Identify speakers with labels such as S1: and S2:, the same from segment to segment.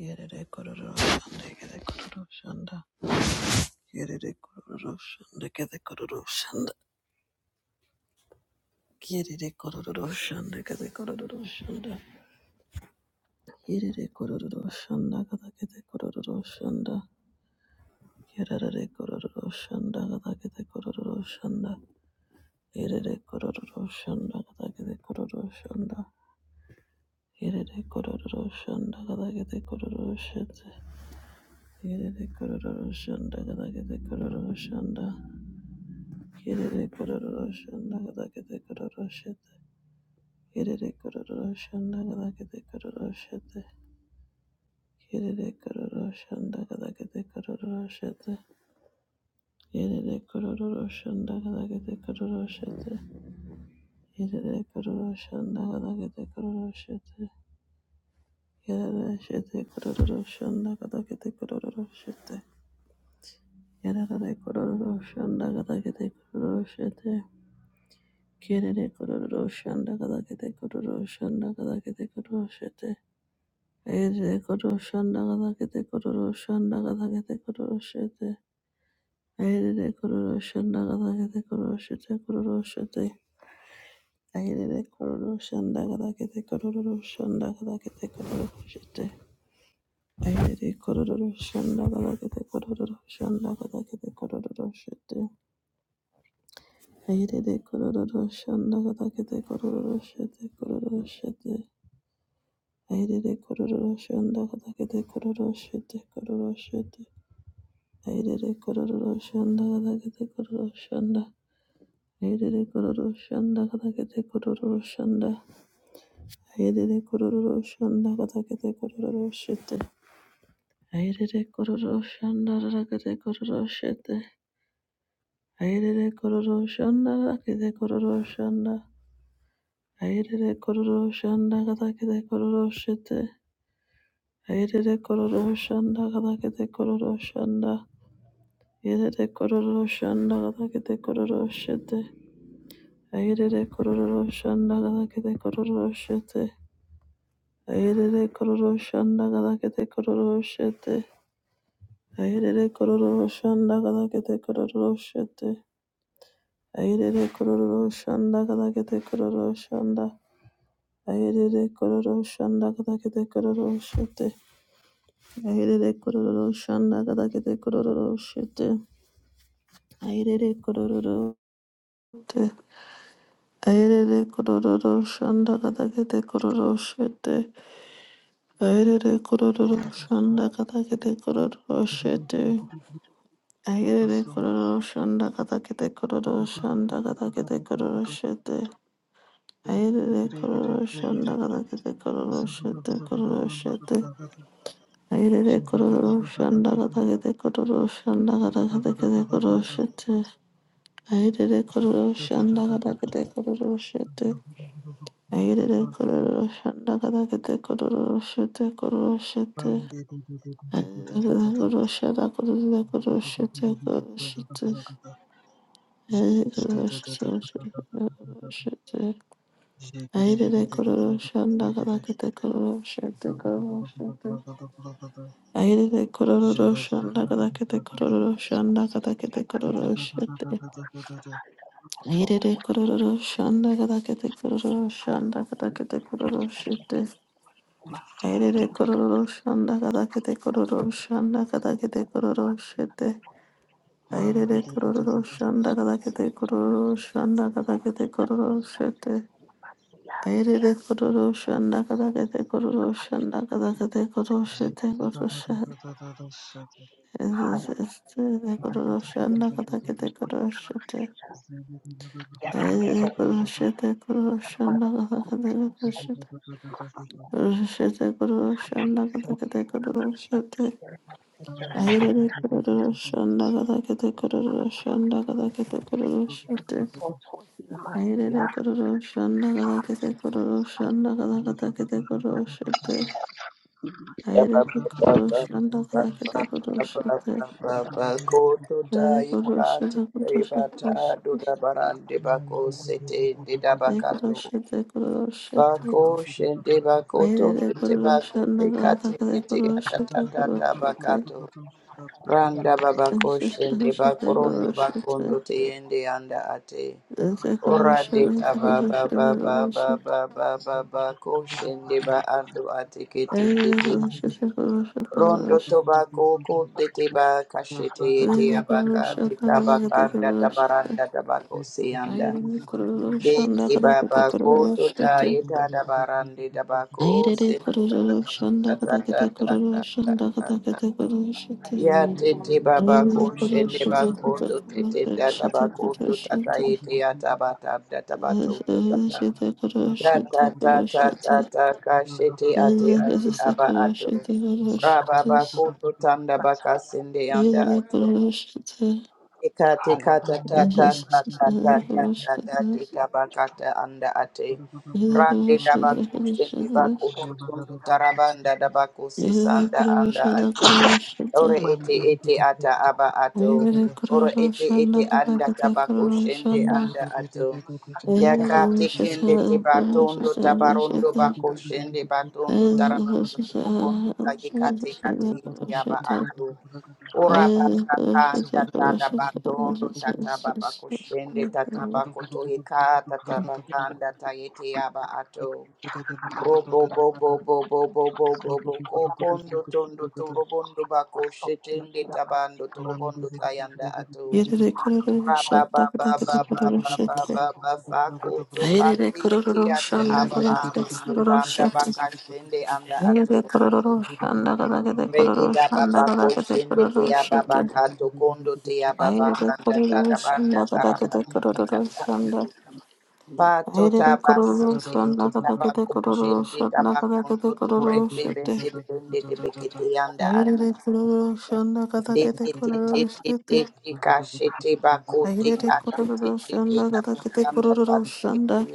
S1: Yerere kororo shanda gede kororo shanda. Yerere kororo shanda gede kororo shanda. Yerere kororo shanda gede kororo shanda. Yerere kororo shanda gada gede kororo shanda. Yerere kororo shanda gada gede kororo shanda. Yerere kororo shanda gada gede kororo shanda. Yerere kororo shanda gada gede kororo shanda. Yerere kororo shanda gada gede kororo shanda. Kirere kororo shanda gada kete kororo shete. Kirere kororo shanda gada kete kororo shete. Kirere kororo shanda gada kete kororo shete. Kirere kororo shanda gada kete kororo shete. Kirere kororo shanda gada kete kororo shete. Kirere shete kororo shanda gada kete kororo shete. Kirere kororo shanda gada kete kororo shete. Kerere kororo shanda kada kete kororo shanda kada kete kororo shete. Ayerere kororo shanda kada kete kororo shanda kada kete kororo shete. Ayerere kororo shanda kada kete kororo shete kororo shete. Ayerere kororo shanda kada kete kororo shanda kada kete kororo shete. Ayerere kororo shanda kada kete kororo shanda kada kete kororo shete. Ayerere kororo shanda kada kete kororo shete kororo shete. Airere kororo shanda kadakete kororo shete kororo shete. Airere kororo shanda kadakete kororo shanda. Airere kororo shanda kadakete kororo shanda. Airere kororo shanda kadakete kororo shete. Airere kororo shanda kadakete kororo shete. Airere kororo shanda kadakete kororo shanda. Airere kororo shanda kadakete kororo shete. Airere kororo shanda kadakete kororo shanda. Yerere kororo shanda gada kete kororo shete. Ayerere kororo shanda gada kete kororo shete. Ayerere kororo shanda gada kete kororo shete. Ayerere kororo shanda gada kete kororo shete. Ayerere kororo shanda gada kete kororo shanda. Ayerere kororo shanda gada kete kororo shete. Ayerere kororo shanda gada kete kororo shete. Ayerere kororo shete. Aerere kororo shanda katakete kororo shete. Aerere kororo
S2: Thank you.
S1: shanda katakete kororo shete. Aerere kororo shanda katakete kororo shanda katakete kororo shete. Aerere kororo shanda katakete kororo shete kororo shete. Aerere kororo shanda katakete kororo shanda katakete kororo shete. Aerere kororo shanda katakete kororo shete. Ayerere kororo shanda kada kete kororo shete kororo shete. Ayerere kororo shanda kororo kororo shete kororo shete. Ayerere kororo shete kororo shete. Ayerere kororo shanda kada kete kororo shete kororo shete. Ayerere kororo
S2: Thank
S1: shanda kada kete kororo shanda kada kete kororo shete. Ayerere kororo shanda kada kete kororo shanda kada kete kororo shete. Aire kororo shanda kada kete kororo shanda kada kete kororo shete. Aire kororo shanda kada kete kororo shanda kada kete kororo shete. Aire kororo shanda kada kete kororo shanda kada kororo shete kororo shete. Aire kororo shanda kada kororo shete. Aire kororo shete kororo shanda kada kororo shete. Kororo shete kororo shanda kada kororo shete. Ayerere kororo shanda gada kete kororo shanda gada kete kororo shete. Ayerere kororo shanda gada kete kororo shanda gada kete kete kororo shete.
S3: Bako
S1: Ayerere kororo
S3: shende
S1: shanda gada kete kororo shete. Ayerere kororo shete kororo shete. Ayerere kororo shete kororo shete.
S3: bako
S1: Ayerere
S3: bete
S2: you.
S1: kororo
S3: bako
S1: shanda
S3: te
S1: gada
S3: kate
S1: kete
S3: bete
S1: kororo shete kororo shete. Ayerere kororo shete kororo shete. Ayerere kororo
S3: atatatata bakato. Randa babako shende bako bakondo te yende anda ate. Ora de
S1: shete
S3: taba
S1: kororo
S3: ba
S1: shete
S3: ba ba
S1: kororo
S3: ba
S1: shete.
S3: ko shende ba ando ate
S1: Veda
S3: kete
S1: Purushata Purushata
S3: Rondo
S1: Kalash
S3: tobacco de teba cachete ete
S1: Veda
S3: abaca te
S1: Purushata Kalakate
S3: tabacanda
S1: Kurushata
S3: tabaranda tabaco seanda
S1: Ayrede
S3: de
S1: Kurushanda
S3: teba
S1: Kalakate
S3: baco tota
S1: Kurushate
S3: yeta tabarande
S2: Thank
S3: tabaco
S1: Ayrede
S3: sende baca
S1: Kurushanda
S3: ta ta ta
S1: Kalakate
S3: ta ta ta
S1: Kurushanda
S3: ta ta
S1: Kalakate Kurushate
S3: ya te teba
S1: Ayrede
S3: baco shende
S1: Kurushata
S3: baco
S1: Kalakate
S3: do te te ta
S1: Kurushate
S3: tabaco do ta ta
S1: Kurushate
S3: yete atabata da tabato do ta ta
S1: Kurushate Kurushate Veda Kurushata
S3: ta
S1: Kurushate
S3: ta ta ta
S1: Kurushate
S3: ta ta cachete ate ate aba ato Rababa koto tanda baka sende yanda
S1: Veda
S3: ato.
S1: Kurushata
S3: Ikati kata ta
S1: Yere de
S3: ta ta
S2: you.
S3: tata tita bakata anda ate.
S2: Zugu
S3: Rande dabaku shende baku tutundu tarabanda dabaku sisanda anda Ore ete ete ata aba ato. Ore ete ete anda tabako shende anda ato. Yakati kende te batondo tabarondo bako shende batondo tarabando tubokondo tayikate kate ete aba ato. Ora baka kanda tada batondo tataba bako shende tataba koto yika tataba kanda tayete aba ato. Robo bo bo bo bo bo bo bo bo kokondo tondo torobondo bako shetende tabando torobondo tayanda ato
S1: kırarım,
S3: raba ba
S1: şartlak da
S3: ba ba
S1: kıtı
S2: Zugudu
S3: ba
S1: kırarım,
S3: ba ba
S1: şete.
S3: ba ba fako
S1: Ayerere
S3: tokande yeti
S1: kororo
S3: ate
S1: shanda
S3: aba
S1: kadakete
S3: akondo
S1: kororo
S3: tanda
S1: shete.
S3: baka shende anda ato
S1: Ayerere kororo shanda kadakete
S3: redi
S1: kororo
S3: da
S1: shanda
S3: baba ko
S1: kadakete
S3: shende
S1: kororo
S3: te aba
S1: shete.
S3: baka tokondo te aba baka
S1: Ayerere
S3: anda
S1: kororo
S3: tarabanda
S1: shanda kadakete
S3: tarabanda
S1: kororo
S3: tayanda
S1: shanda.
S3: Pato
S1: Ayerere kororo
S3: tabasete
S1: shanda
S3: de
S1: kadakete
S3: tabaco
S1: kororo
S3: shende
S1: shanda kadakete
S3: tabacondo
S1: kororo
S3: torebe
S1: shete.
S3: bende de bende de bekete yanda ata.
S1: Ayerere kororo shanda
S3: Te
S1: kadakete
S3: te te te
S1: kororo
S3: te
S1: shete.
S3: te te kashete bako te
S1: Ayerere
S3: kate te
S1: kororo
S3: te te
S1: shanda kadakete
S3: tabakanda
S1: kororo
S3: tate te
S1: shanda.
S3: te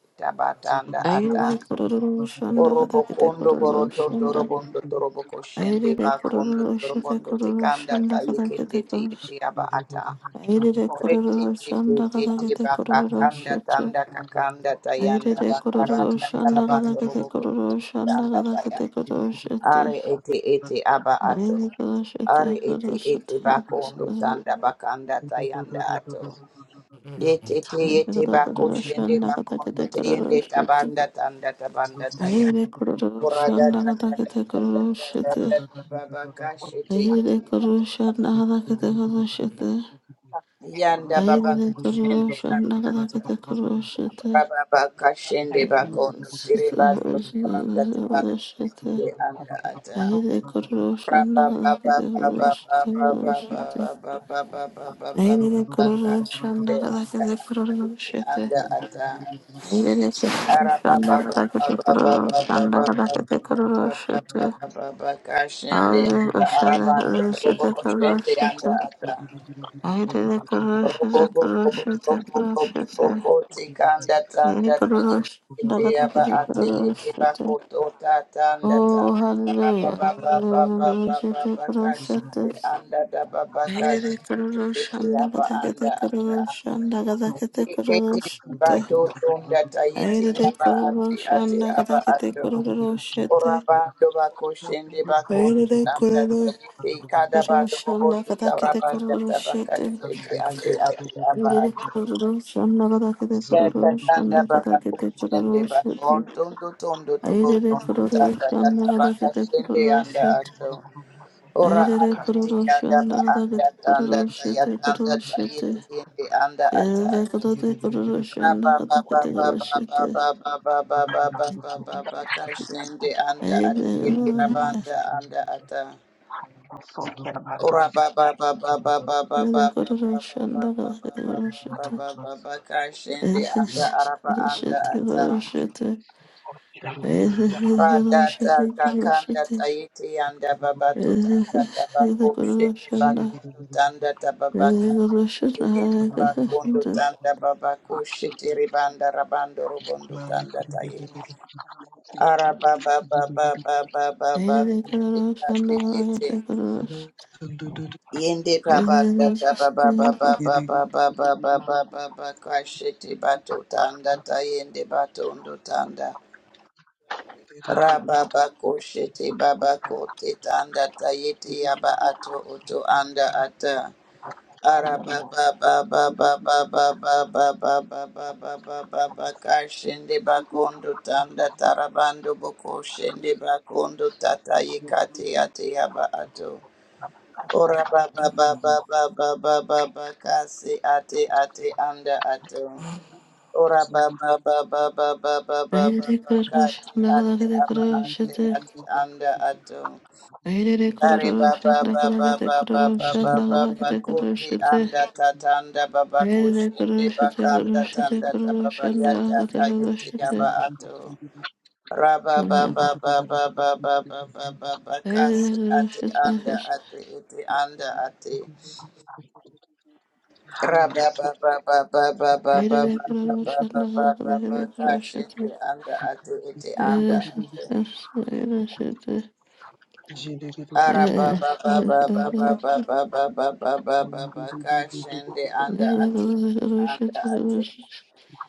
S3: te tabatanda
S1: Ayerere
S3: ata.
S1: kororo shanda
S3: Orobo
S1: kadakete
S3: kondo
S1: kororo
S3: boroto
S1: shanda.
S3: dorobondo torobo
S1: Aire
S3: koshende
S1: de
S3: bakondo
S1: kororo shete
S3: dorobondo
S1: kororo
S3: tekanda
S1: shanda
S3: ta
S1: kada
S3: yekende
S1: kete
S3: te yete
S1: koros.
S3: yaba ata.
S1: Aire de kororo shanda kada
S3: Retitititi
S1: kete kororo
S3: bakakanda
S1: shete.
S3: tanda
S2: Zugu
S3: kakanda
S1: Aire
S3: tayanda
S1: de kororo
S3: bakaranda
S1: shanda kada
S3: tarabando
S1: kete
S3: roboko
S1: kororo shanda
S3: tanda
S1: kada
S3: taya.
S1: kete kororo shete.
S3: Are ete ete aba ato.
S1: Aire kada shete
S3: Are ete
S1: kada
S3: ete
S1: shete.
S3: bakondo tanda bakanda tayanda ato. Yete te
S1: Aire
S3: yete
S1: de
S3: bako
S1: kororo
S3: shende
S1: shanda kada
S3: bakondo
S1: kete
S3: teyende
S1: kororo shete.
S3: tabanda tanda tabanda taya.
S1: Aire de kororo
S3: Ora da
S1: shanda
S3: da
S1: kada
S3: da
S1: kete
S3: da da
S1: kororo
S3: da da da
S1: shete.
S3: da da baba kashete
S1: Aire de
S3: ete
S1: kororo
S3: ato.
S1: shanda kada kete kororo shete.
S3: Yanda baba
S1: Aidha
S3: kushende
S1: korosho
S3: anda ato.
S1: nagadagada koroshete
S3: Rababakashende bakondo tirebando tubanda tabando
S1: koroshote
S3: tende anda ata.
S1: Aidha korosho nagadagada koroshete koroshete Aidha korosho nagadagada koroshete Aidha
S3: Rabababababababababababababababakashende anda
S1: korosho nagadagada korosho nagadagada
S3: ate
S1: koroshete
S3: anda ata.
S1: Aidha
S2: Zogo
S1: korosho
S3: Arabababababababababababababababakashende
S1: nagadagada koroshete Aidha korosho
S3: arabando
S1: nagadagada
S3: tubokoshende anda ata.
S1: koroshete koroshete
S3: Tikanda
S1: Yay,
S3: tanda
S1: Kururush,
S3: ete aba
S1: Dagataka,
S3: ate ete
S1: Kururush,
S3: bako tota tanda
S1: Oh,
S3: tanda
S1: hallelujah.
S3: baba baba baba baba baka shinde
S1: Hallelujah.
S3: anda da baba ka ete ete aba anda ata ete bato tonda tayete aba ate ate aba ato orabando bako shinde bako tanda tayete kada bado bobo tuta rabanda tabaka shinde ate ate aba ato Yakatanda baba kushende bakon tondo tondo tobo
S1: Airere
S3: tondo
S1: kororo
S3: tanda
S1: shanda
S3: kata
S1: gada
S3: baka
S1: kete
S3: shende
S1: kororo
S3: anda
S1: shete.
S3: ato. Ora
S1: Airere
S3: abiti
S1: kororo
S3: yada ba
S1: shanda gada
S3: anda
S1: kete
S3: tanda
S1: kororo
S3: taya
S1: shete
S3: kanda
S1: kororo shete.
S3: tayete yende anda ata.
S1: Airere kororo kororo shanda
S3: Raba
S1: gada
S3: baba
S1: kete kororo
S3: baba
S1: shete.
S3: baba baba baba baba baba kashende anda ati yete
S1: Airere
S3: rabanda anda ata. Ora baba baba baba baba
S1: airere
S3: baba
S1: kororo
S3: baba
S1: shanda gada kete
S3: baba
S1: kororo
S3: baba
S1: shete.
S3: baba baba kashende
S1: Airere
S3: anda
S2: Mami
S3: araba anda
S1: shete kororo
S3: ata.
S1: shete. Airere kororo shete
S3: Radata
S1: kororo
S3: gakanda
S1: shete.
S3: tayete yanda baba totanda
S1: Airere
S3: tabako
S1: kororo
S3: shende
S1: shanda.
S3: bakondo tanda
S1: Airere
S3: tababaka
S1: kororo
S3: yende
S1: shanda gada
S3: bakondo
S1: kete
S3: tanda babako shetere banda rabando robondo tanda taye araba baba baba baba
S1: Yes,
S3: bako tekate ete yende babata
S1: yes,
S3: tababa baba
S2: Thank you.
S3: baba baba baba baba kashete bato tanda tayende batondo tanda Rababa kosheti bababa teta anda ta yeti aba ato ato anda ata. Arababa bababa bababa bababa bababa bababa kashindi bakundu tanda tarabando bako shindi bakundu tatai kati ati aba ato ora bababa bababa bababa kase ati ati anda ato. Ora ba ba ba ba ba
S1: yes,
S3: kati ati aba ande ati anda ato. Ari ba ba ba ba ba kuti anda tatanda baba kushindi bakanda tanda tababa yata kayuti aba ato. Raba ba ba ba ba ba kasi ati anda ati iti anda ati. Kashindi anda atu iti anda Araba baba baba
S1: yes.
S3: baba baba baba baba kashende
S1: Aire
S3: anda
S1: de
S3: ati
S1: kororoshanda
S3: anda
S1: de
S3: ati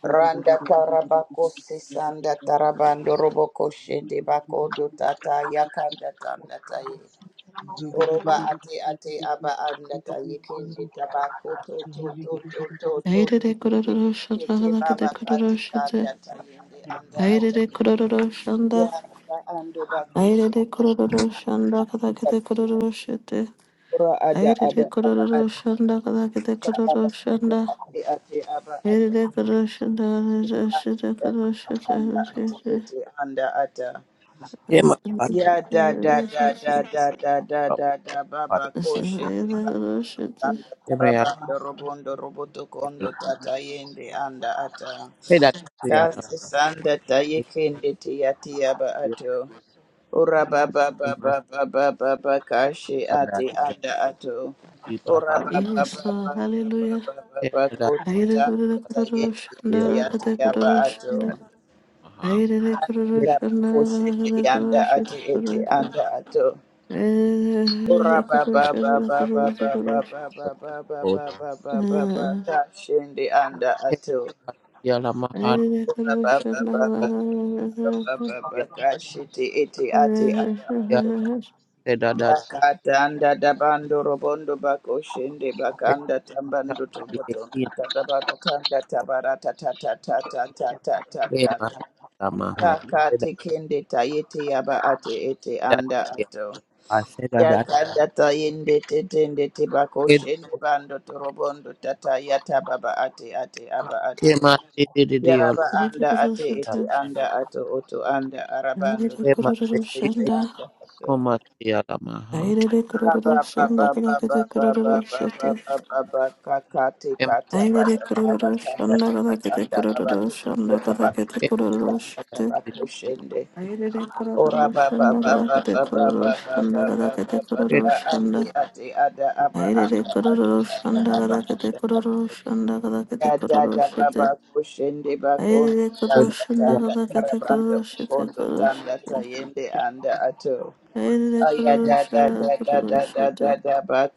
S3: randa tarabako sisanda tarabando roboko shende bako do tata yakanda tanda Oroba ate ate aba andata yekende tabako to to to to to to te baba kati kanda
S1: kororoshite.
S3: tayende anda
S1: Aire
S3: ata
S1: de kororoshanda.
S3: yaraba ando
S1: Aire
S3: bakushe
S1: de kororoshanda kadake de
S3: ata
S1: kororoshite.
S3: ora ada
S1: Aire de
S3: ada aba ata
S1: kororoshanda kadake de
S3: ora aba anda
S1: kororoshanda.
S3: ate ate aba
S1: Aire
S3: ata
S1: de kororoshanda
S3: yekanda
S1: kadake
S3: tayende anda ate ete anda ata
S4: Yema patro
S3: Ya da da da da da da da da da baba koshende
S1: de
S3: bakondo
S1: kororoshite.
S3: anda
S4: patria
S3: tarabando robondo roboto
S4: yelo.
S3: kondo tata yende anda ata
S4: Peda yelo.
S3: kasi sanda tayekende tiyati yaba ato ora baba
S4: Yema
S3: baba baba baba kashi
S4: shada
S3: ati
S4: yelo.
S3: anda ato
S4: Ipa
S3: ora
S4: patria
S3: baba
S1: Yes,
S3: baba
S1: Lord,
S3: baba
S1: hallelujah.
S3: baba baba
S4: da
S3: koti
S1: Aire de
S3: tanda
S4: da
S3: tayeti
S4: yelo.
S1: kororoshanda kadake
S3: yati
S1: de
S3: yaba ato
S1: kororoshite.
S4: Aha.
S1: I did a Kururu
S4: Peda
S3: Taba
S1: Shanda
S3: koshende
S1: Kadakete
S3: anda
S1: Kururu Shanda
S3: ati eti anda ato
S4: yelo.
S3: kashindi anda ato
S4: Peda yelo mahat. Patria
S3: kashiti iti ati aba
S4: yelo.
S3: ato
S4: Peda da
S3: dakata anda dabando robondo bako shindi
S4: peda
S3: bakanda tambando tobotondo
S4: yekin.
S3: tadabata tanda tabarata tatatatatatatatata
S4: Lema mahai. Peda
S3: takati kindi tayiti yaba ati iti
S4: peda
S3: anda
S4: yelo.
S3: ato
S4: Peda da
S3: Yakanda tayende tetende tebako
S4: peda
S3: shende bando torobondo tata yata baba ate ate aba ato.
S4: kema yelo.
S3: Yaraba anda ate ete anda ato oto anda arabando
S4: Kema
S3: tobako shende
S4: yelo.
S3: anda ato.
S4: Koma yelo
S3: Raba baba baba baba baba baba baba kakate
S4: mahat.
S3: kata bata taba tanda taba tanda baba tokondo tabako
S1: Kadakete
S4: Ema
S3: tokoreba
S1: Kururu
S3: anda
S1: Shete
S3: tabako shende.
S1: Airere
S3: Ora
S1: kororo
S3: ba ba
S1: shanda
S3: ba
S1: gada
S3: ba
S1: kete
S3: ba ba ba
S1: kororo
S3: ba
S1: shanda
S3: ba
S1: gada
S3: ba ba
S1: kete
S3: ba
S1: kororo
S3: ka ate
S1: shanda.
S3: ate ada aba aba
S1: Airere kororo
S3: ate
S1: shanda
S3: ada aba
S1: gada kete
S3: anda
S1: kororo
S3: ate
S1: shanda gada kete
S3: ya da
S1: kororo
S3: da
S1: shete.
S3: kushende ba
S1: Airere kororo
S3: tanda
S1: shanda
S3: tanda
S1: gada kete kororo
S3: tarabando
S1: shete
S3: kondo
S1: kororo shete.
S3: tanda tayende anda ato
S1: Airere
S3: aya
S1: kororo
S3: da da
S1: shanda
S3: da da
S1: kororo
S3: da da
S1: shete.
S3: da da ba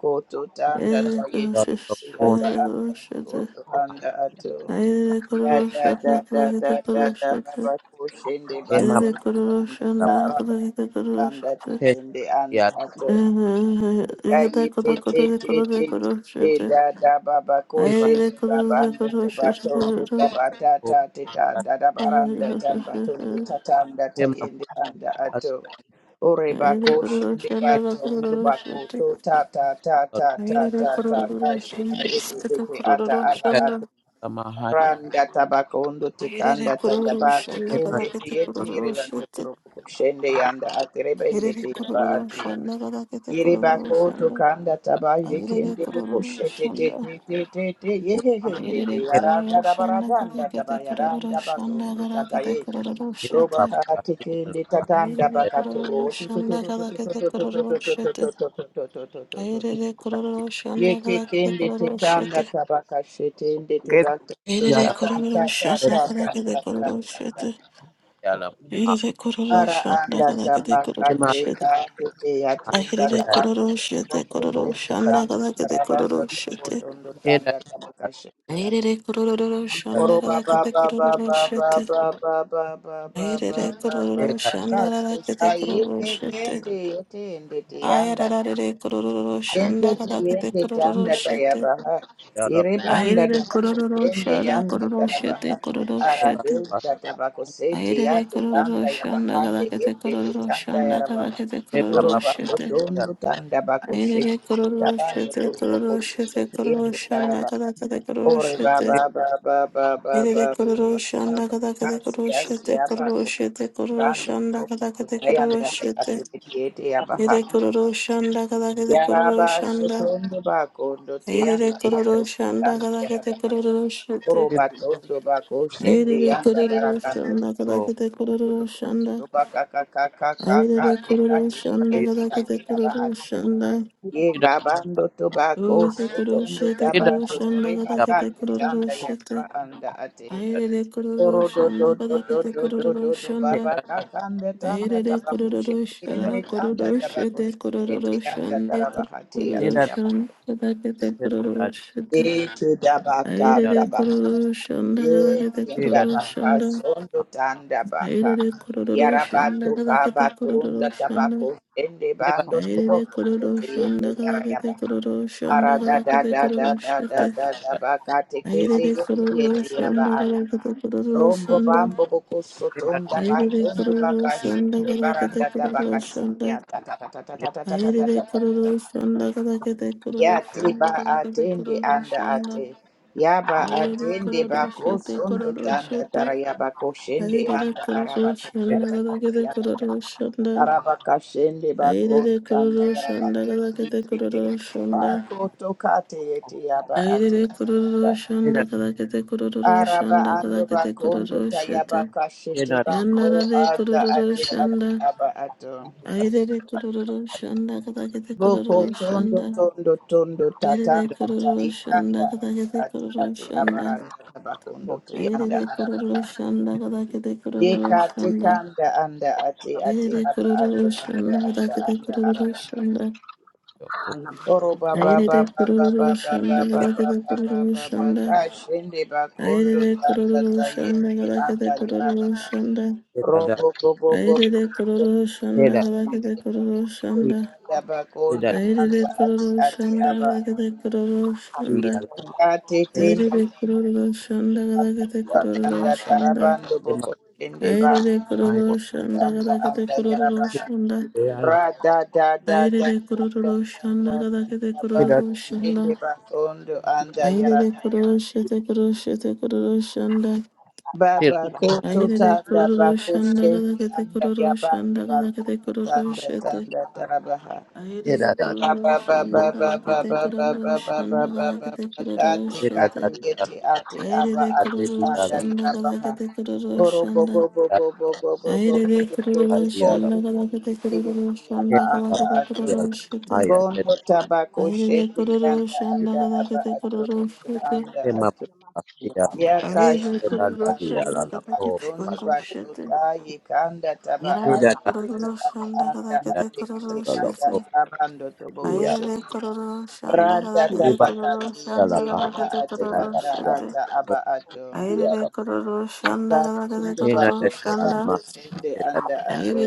S3: tanda
S1: Airere kororo
S3: tayete
S1: shete
S3: ya ta
S1: kororo
S3: ato
S1: shete.
S3: oto anda ato
S1: Airere
S3: Ya
S1: kororo
S3: da
S1: shanda
S3: da
S1: gada
S3: da
S1: kete
S3: da da
S1: kororo
S3: da
S1: shete.
S3: baba kushende
S1: Airere
S3: bakondo
S1: kororo shanda
S3: tanda ta
S1: gada kete
S3: babando
S1: kororo
S3: tanda
S1: shete.
S3: tende anda ato
S1: Aire de kororo
S3: kayi te
S1: shanda kada
S3: te te te te te da da baba kushende babando to batondo tabata ta te ta da da baranda tamba tondo tatanda tayende anda ato ore bakoshende batondo bakoto ta ta ta ta ta ta ta kashete ete ete ata aba Randa tabakondo tikanda tayaba tikende
S1: kete
S3: tiyeti iribando turuku kushende yanda atirebende tiyaba ati. Iriba
S1: kororo
S3: koto kanda taba yekende buku shete te te te te te yehehende te yaranda
S1: shanda kada
S3: dabarabanda taba yaranda bakondo
S1: kete
S3: tataye.
S1: kororo
S3: Roba
S1: shete.
S3: kati kende tatanda
S1: Ayrere kororo
S3: bakatoro
S1: shanda kada kete kororo shete. Ayrere kororo shanda
S3: Yeke
S1: kada kete
S3: kende
S1: kororo
S3: tekanda
S1: shete.
S3: tabaka shetende tebaka
S1: Ayrere
S3: tota ta
S1: kororo
S3: ta ta
S1: shanda
S3: ta ta
S1: kada
S3: ta
S1: kete
S3: ta ta
S1: kororo
S3: ta. ta.
S1: shete. Ayrere kororo
S3: Ara
S1: shanda
S3: anda
S1: kada kete
S3: tabaka
S1: kororo shete.
S3: teka te yatenda
S1: Ayrere
S3: tabaka
S1: kororo shete
S3: toroko
S1: kororo
S3: shete
S1: shanda
S3: tanda
S1: kada kete kororo
S3: tararando torobo
S1: shete.
S3: tondo tanda tabaka shete yate.
S1: Ayrere kororo shanda
S3: Oro ba
S1: kada
S3: ba
S1: kete
S3: ba ba
S1: kororo
S3: ba ba
S1: shete.
S3: ba ba ba ba ba ba
S1: Ayrere
S3: ba ba ba. ba.
S1: kororo shanda
S3: Kasi
S1: kada kete
S3: sa
S1: kororo
S3: yeke
S1: shete.
S3: kende yetende
S1: Ayararare kororo
S3: Yende
S1: shanda kada kete
S3: tuyende
S1: kororo
S3: tanda
S1: shete.
S3: tayabaha. Irebanda
S1: Ayerere kororo
S3: tabakosende
S1: shada
S3: yanda
S1: kororo
S3: tarabaha.
S1: shete kororo
S3: Arate
S1: shete.
S3: tatabakosete
S1: Ayerere
S3: yate
S1: kororo
S3: tanda
S1: shanda
S3: yabahande
S1: kadakete
S3: yende
S1: kororo
S3: tutanda
S1: shanda
S3: yarabaha.
S1: kadakete kororo
S3: Uroba
S1: shete.
S3: kotondo tanda
S1: Ayerere
S3: bakoshete
S1: kororo
S3: tabando
S1: shete
S3: turbo
S1: kororo
S3: kotondo
S1: shete kororo
S3: tuyende
S1: shanda
S3: taraba.
S1: kadakete kororo
S3: Ore
S1: shete.
S3: baba baba baba
S1: Ayerere
S3: baba
S1: kororo shanda
S3: baba.
S1: kadakete
S3: Asi
S1: kororo
S3: asi
S1: shete kororo
S3: yabako.
S1: shete kororo
S3: Bando
S1: shanda
S3: turbo
S1: kadakete kororo
S3: tutayanda
S1: shete.
S3: tatabakosete yabaha.
S1: Ayerere kororo shanda kadakete kororo
S3: Yaraba
S1: shanda.
S3: shotondo bakondo
S1: Ayerere
S3: teyanda
S1: kororo
S3: batondo
S1: shanda
S3: tanda
S1: kadakete
S3: yaraba
S1: kororo shete.
S3: koro batondo bako shende
S1: Ayerere
S3: yanda
S1: kororo
S3: barakando
S1: shanda
S3: tokoto
S4: Oh,
S1: kadakete kororo shanda.
S3: toba kaka kaka kaka
S1: Ayerere
S3: deka
S1: kororo shanda
S4: Daddy,
S3: deti
S1: kadakete
S3: ati yaba
S1: kororo
S3: ati
S1: shanda.
S3: ye
S4: Daddy, Daddy,
S3: babando tobako
S1: Oje koro
S3: shotondo
S1: shete
S4: Daddy, Daddy,
S3: daba
S4: Daddy,
S1: koro shanda
S3: shotore
S1: kadakete
S3: bakate
S1: kororo
S3: tanda
S1: shete.
S3: yaraba anda ate
S1: Ayerere kororo
S3: koro do do
S1: shanda
S3: do do
S1: kadakete
S3: do do
S1: kororo
S3: do do
S1: shanda.
S3: baba kakanda tanda
S1: Ayerere
S3: tabako
S1: kororo shanda
S3: shende tanda
S1: kororo
S3: tabako
S1: shete
S3: shende
S1: kororo
S3: teyanda
S1: shanda
S3: taraba hati
S4: Daddy,
S1: kororo
S4: Daddy,
S1: shanda kadakete kororo shete.
S3: Ete dabakanda
S1: Ayerere
S3: baka,
S1: kororo shanda kadakete
S3: ete
S4: Daddy,
S1: kororo
S4: Daddy,
S3: baka
S1: shanda.
S3: sondo tanda baha.
S1: Airere kororo shanda
S3: Yarabato
S1: kadakete
S3: kabatonda
S1: kororo shanda.
S3: tabako ende bando
S1: Airere
S3: tobokondo
S1: kororo shanda
S3: teyende tarayaba.
S1: kadakete kororo shanda
S3: Arada da
S1: kadakete
S3: da
S1: kororo
S3: da da da
S1: shete.
S3: da da baka tekete
S1: Airere
S3: yete
S1: kororo
S3: yete
S1: shanda
S3: yaba.
S1: kadakete kororo
S3: Rombo
S1: shanda.
S3: bambo boko sotonda
S1: Airere
S3: batondu
S1: kororo
S3: baka
S1: shanda
S3: shende
S1: kadakete
S3: baranda
S1: kororo
S3: tabaka
S1: shanda.
S3: sitiya ta ta ta ta ta ta ta ta ta ta ta
S1: Airere
S3: ta.
S1: kororo shanda kadakete kororo
S3: Yate
S1: shanda
S3: ba
S1: kadakete
S3: atende
S1: kororo
S3: anda
S1: shanda.
S3: ate. Ya ba
S1: Airere
S3: atende
S1: kororo
S3: ba
S1: shete
S3: kosundo
S1: kororo
S3: tanda
S1: shete.
S3: tara ya ba koshende
S1: Airere
S3: anda
S1: kororo
S3: araba
S1: shanda
S3: tata
S1: kadakete
S3: yaba ta.
S1: kororo shanda.
S3: Araba kashende ba
S1: Airere
S3: kosanda
S1: kororo
S3: araba
S1: shanda
S3: te
S1: kada kadakete
S3: tete.
S1: kororo shanda.
S3: Pako tokate yete yaba ate
S1: Airere
S3: aba.
S1: kororo shanda kada kadakete kororo
S3: Araba
S1: shanda kada
S3: ando ba
S1: kadakete
S3: kondo
S1: kororo
S3: tayaba
S1: shete.
S3: kashete ba
S1: Yanda
S3: ko
S1: Yandarare
S3: ada
S1: kororo
S3: ate ate
S1: shanda.
S3: aba ato.
S1: Airere kororo shanda kada kadakete
S3: Boko
S1: kororo
S3: tondo
S1: shanda.
S3: tondo tondo
S1: Yerere
S3: tatanda ta
S1: kororo
S3: ikanda
S1: shanda
S3: anda
S1: kada kadakete
S3: ati
S1: kororo
S3: ate
S1: shanda.
S3: abaranda tabakondo tuyanda
S1: Airere kororo
S3: arabaha.
S1: shanda kada kadakete kororo
S3: Deka
S1: shanda.
S3: tekanda anda ati ati
S1: Airere
S3: aba ati
S1: kororo
S3: anda
S1: shanda kada
S3: ata
S1: kadakete
S3: anda
S1: kororo
S3: araba.
S1: shanda.
S3: Oro
S1: Aire
S3: baba
S1: Ayrede
S3: baba baba
S1: kururu
S3: baba
S1: şanda
S3: baba
S1: galakede
S3: baba
S1: kururu
S3: baba
S1: şanda.
S3: kashende bakondo
S1: Ayrede
S3: tanda
S1: kururu
S3: tayende
S1: şanda
S3: anda
S1: galakede kururu
S3: yarabaha.
S1: şanda.
S3: Robo bobo bobo
S1: Ayrede
S3: bobo kashende
S1: kururu şanda
S3: bakondo
S1: galakede kururu şanda.
S3: tanda bakondo
S1: Ayrede
S3: anda ati
S1: kururu
S3: ati
S1: şanda
S3: aba.
S1: de kururu şanda.
S3: Katetenda
S1: Ayrede kururu şanda de
S3: kunda kanda
S1: kururu şanda.
S3: tarabando boko tende ba
S1: Ayrede kururu şanda
S3: kanda
S1: galakede
S3: anda yaraba
S1: kururu şanda.
S3: ra da da da da
S1: Ayrede kururu
S3: da
S1: şanda
S3: da
S1: galakede
S3: da ba
S1: kururu shanda
S3: tende ba kondo anda
S1: Aire
S3: yaraba
S1: koroshe te koroshe te koroshanda.
S3: baba koto
S1: Aire
S3: tanda ba
S1: koroshanda kada
S3: koshende
S1: kete
S3: anda yabando
S1: koroshanda
S3: ba
S1: kada kete
S3: kondo tanda
S1: koroshe te.
S3: tanda taraba
S1: Aire koroshanda kada kete koroshanda kada kete
S3: Kati
S1: koroshe
S3: kati
S1: te.
S3: yeti ati aba
S1: Aire
S3: ati anda
S1: koroshanda kada
S3: yabaha.
S1: kete
S3: Oro bo bo
S1: koroshanda.
S3: bo bo bo bo bo bo bo
S1: Aire
S3: bo bo bo bo
S4: Thank
S1: koroshanda kada kete
S3: yeti yeti aba
S1: koroshanda
S4: Kema
S1: kada
S3: anda
S1: kete
S3: ato.
S4: Basia la
S1: koroshe te.
S4: Haya
S3: Kondo
S4: Dedi
S3: tabako
S1: Aire
S3: shende yanda
S1: koroshanda
S3: anda
S1: kada
S3: aba
S1: kete
S3: ato oto
S1: koroshe te.
S3: anda
S4: Kema
S3: ato
S4: Basia
S1: Shanda,
S4: la
S3: yakashinde
S4: Dalia la
S3: bakondo
S4: la Ko
S3: bakondo bakota yekanda taba
S4: Basida
S3: ati te aba anda
S4: Dalia
S3: atekete
S4: la la
S3: anda
S4: Ko
S3: abando
S4: Dia
S3: tobokoshe randa
S4: Kiba
S3: tabakati
S4: Basia la
S3: te aba ate
S4: Basida
S3: ata
S4: Dalia
S3: ata
S4: Ko
S3: aba ato
S4: Dia la
S3: bakondo
S4: Hina
S3: bakondo
S4: Dalia la
S3: bakoshende
S4: Masida
S3: anda ato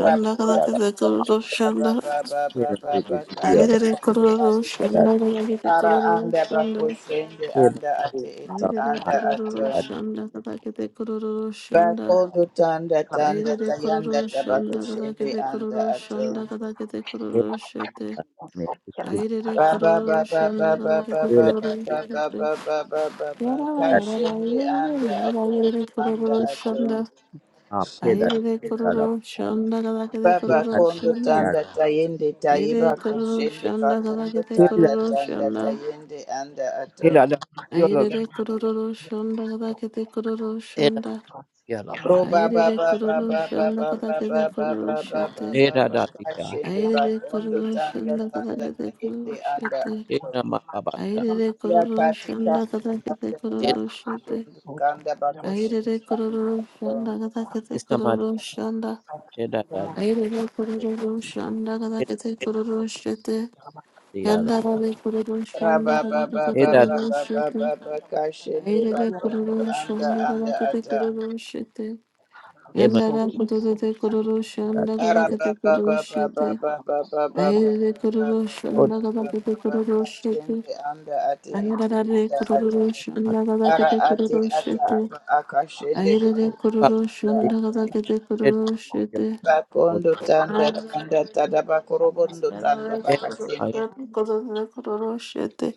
S4: Dalia la Hina
S3: baba
S4: Dalia la Masida Dalia
S3: baba baba baba
S4: Kema
S3: baba bakati
S4: la Masida Dalia
S3: ate ate ara anda bakoshende anda ate ete anda ato Bakondo tanda tanda
S1: Airere
S3: tayanda
S1: kororo
S3: tabako
S1: shanda kada
S3: shende
S1: kete
S3: anda
S1: kororo
S3: ato.
S1: shanda kada kete kororo shete.
S4: Me Kila
S1: Airere
S3: Baba
S1: kororo
S3: baba
S1: shanda kada
S3: baba baba
S1: kete
S4: Kila
S1: kororo
S3: baba baba
S1: shete.
S3: baba baba ba ba ba
S1: yara yarara
S3: kashende
S1: yara
S3: anda
S1: yarara
S3: ato
S1: yerere
S3: oto anda
S1: kororo
S3: ato.
S1: shanda.
S4: Kila Kila
S1: Airere
S4: Kila
S1: kororo shanda kada kete
S3: Baba
S4: Kila
S1: kororo
S3: kondo
S1: shanda.
S4: Kila
S3: tanda tayende tayeba
S1: Airere kororo
S3: koshende
S1: shanda kada
S3: bakondo
S1: kete
S4: Kila
S3: tanda
S4: Kila
S1: kororo
S3: tanda
S1: shanda.
S3: tayende anda ato.
S4: Kila
S1: Airere kororo shanda kada kete kororo shanda.
S4: Kila Kila
S3: Roba
S1: Airere
S3: baba baba
S1: kororo
S3: baba
S1: shanda kada
S3: baba
S1: kete
S3: baba
S1: kororo
S3: baba baba ba ba ba ba
S1: shete.
S3: ba
S4: Eda dadia,
S3: kashende
S1: Aire
S3: bakondo
S1: kororo
S3: tanda
S1: shanda kada
S3: tanda
S1: kete kororo
S3: tayende anda
S1: shete.
S3: ato.
S4: eda mababata,
S1: Aire kororo
S3: Yakati
S1: shanda
S3: kanda
S1: kada kete
S3: kanda
S4: eda
S3: tanda
S1: kororo shete.
S3: bakundu kanda bakoshi
S1: Aire
S3: anda
S1: kororo shanda
S3: ato.
S1: kada kete
S4: isamadi,
S1: kororo shanda.
S4: eda dadi,
S1: Aire kororo shanda kada
S4: eda
S1: kete kororo shete.
S4: diala,
S1: Yanda rade kororo shanda
S3: Raba
S1: kada
S3: ba
S1: kete
S3: ba ba ba
S4: eda
S1: kororo
S3: ba ba
S1: shete.
S3: ba ba kashende
S1: Aire
S3: bakundu
S1: kororo
S3: anda
S1: shanda kada
S3: anda
S1: kete
S3: ata.
S1: kororo shete.
S4: kema,
S1: Yanda rade kororo
S4: eda
S1: shanda kada
S4: dia,
S3: Araba
S1: kete
S3: ba ba
S1: kororo
S3: ba ba
S1: shete.
S3: ba ba ba ba ba ba ba
S1: Ayerere
S3: ba
S1: kororo
S3: ba
S4: oda
S1: shanda
S3: ba
S1: gabakete
S3: ba ba
S1: kororo shete.
S3: kashende anda ate ete
S1: Ayerere
S3: anda ate.
S1: kororo shanda
S4: ato,
S3: Ara
S1: gabakete
S3: ate
S1: kororo
S3: ata
S1: shete.
S3: aba akashende
S1: Ayerere
S3: bakundu
S4: baba,
S1: kororo
S3: anda
S1: shanda
S3: ate.
S1: gabakete
S4: eda
S1: kororo
S4: dia,
S1: shete.
S4: oda,
S3: Bakondo tanda
S1: Kororo
S3: tanda tada bakorobondo tanda
S4: ema,
S3: bakasende
S1: kororo shete.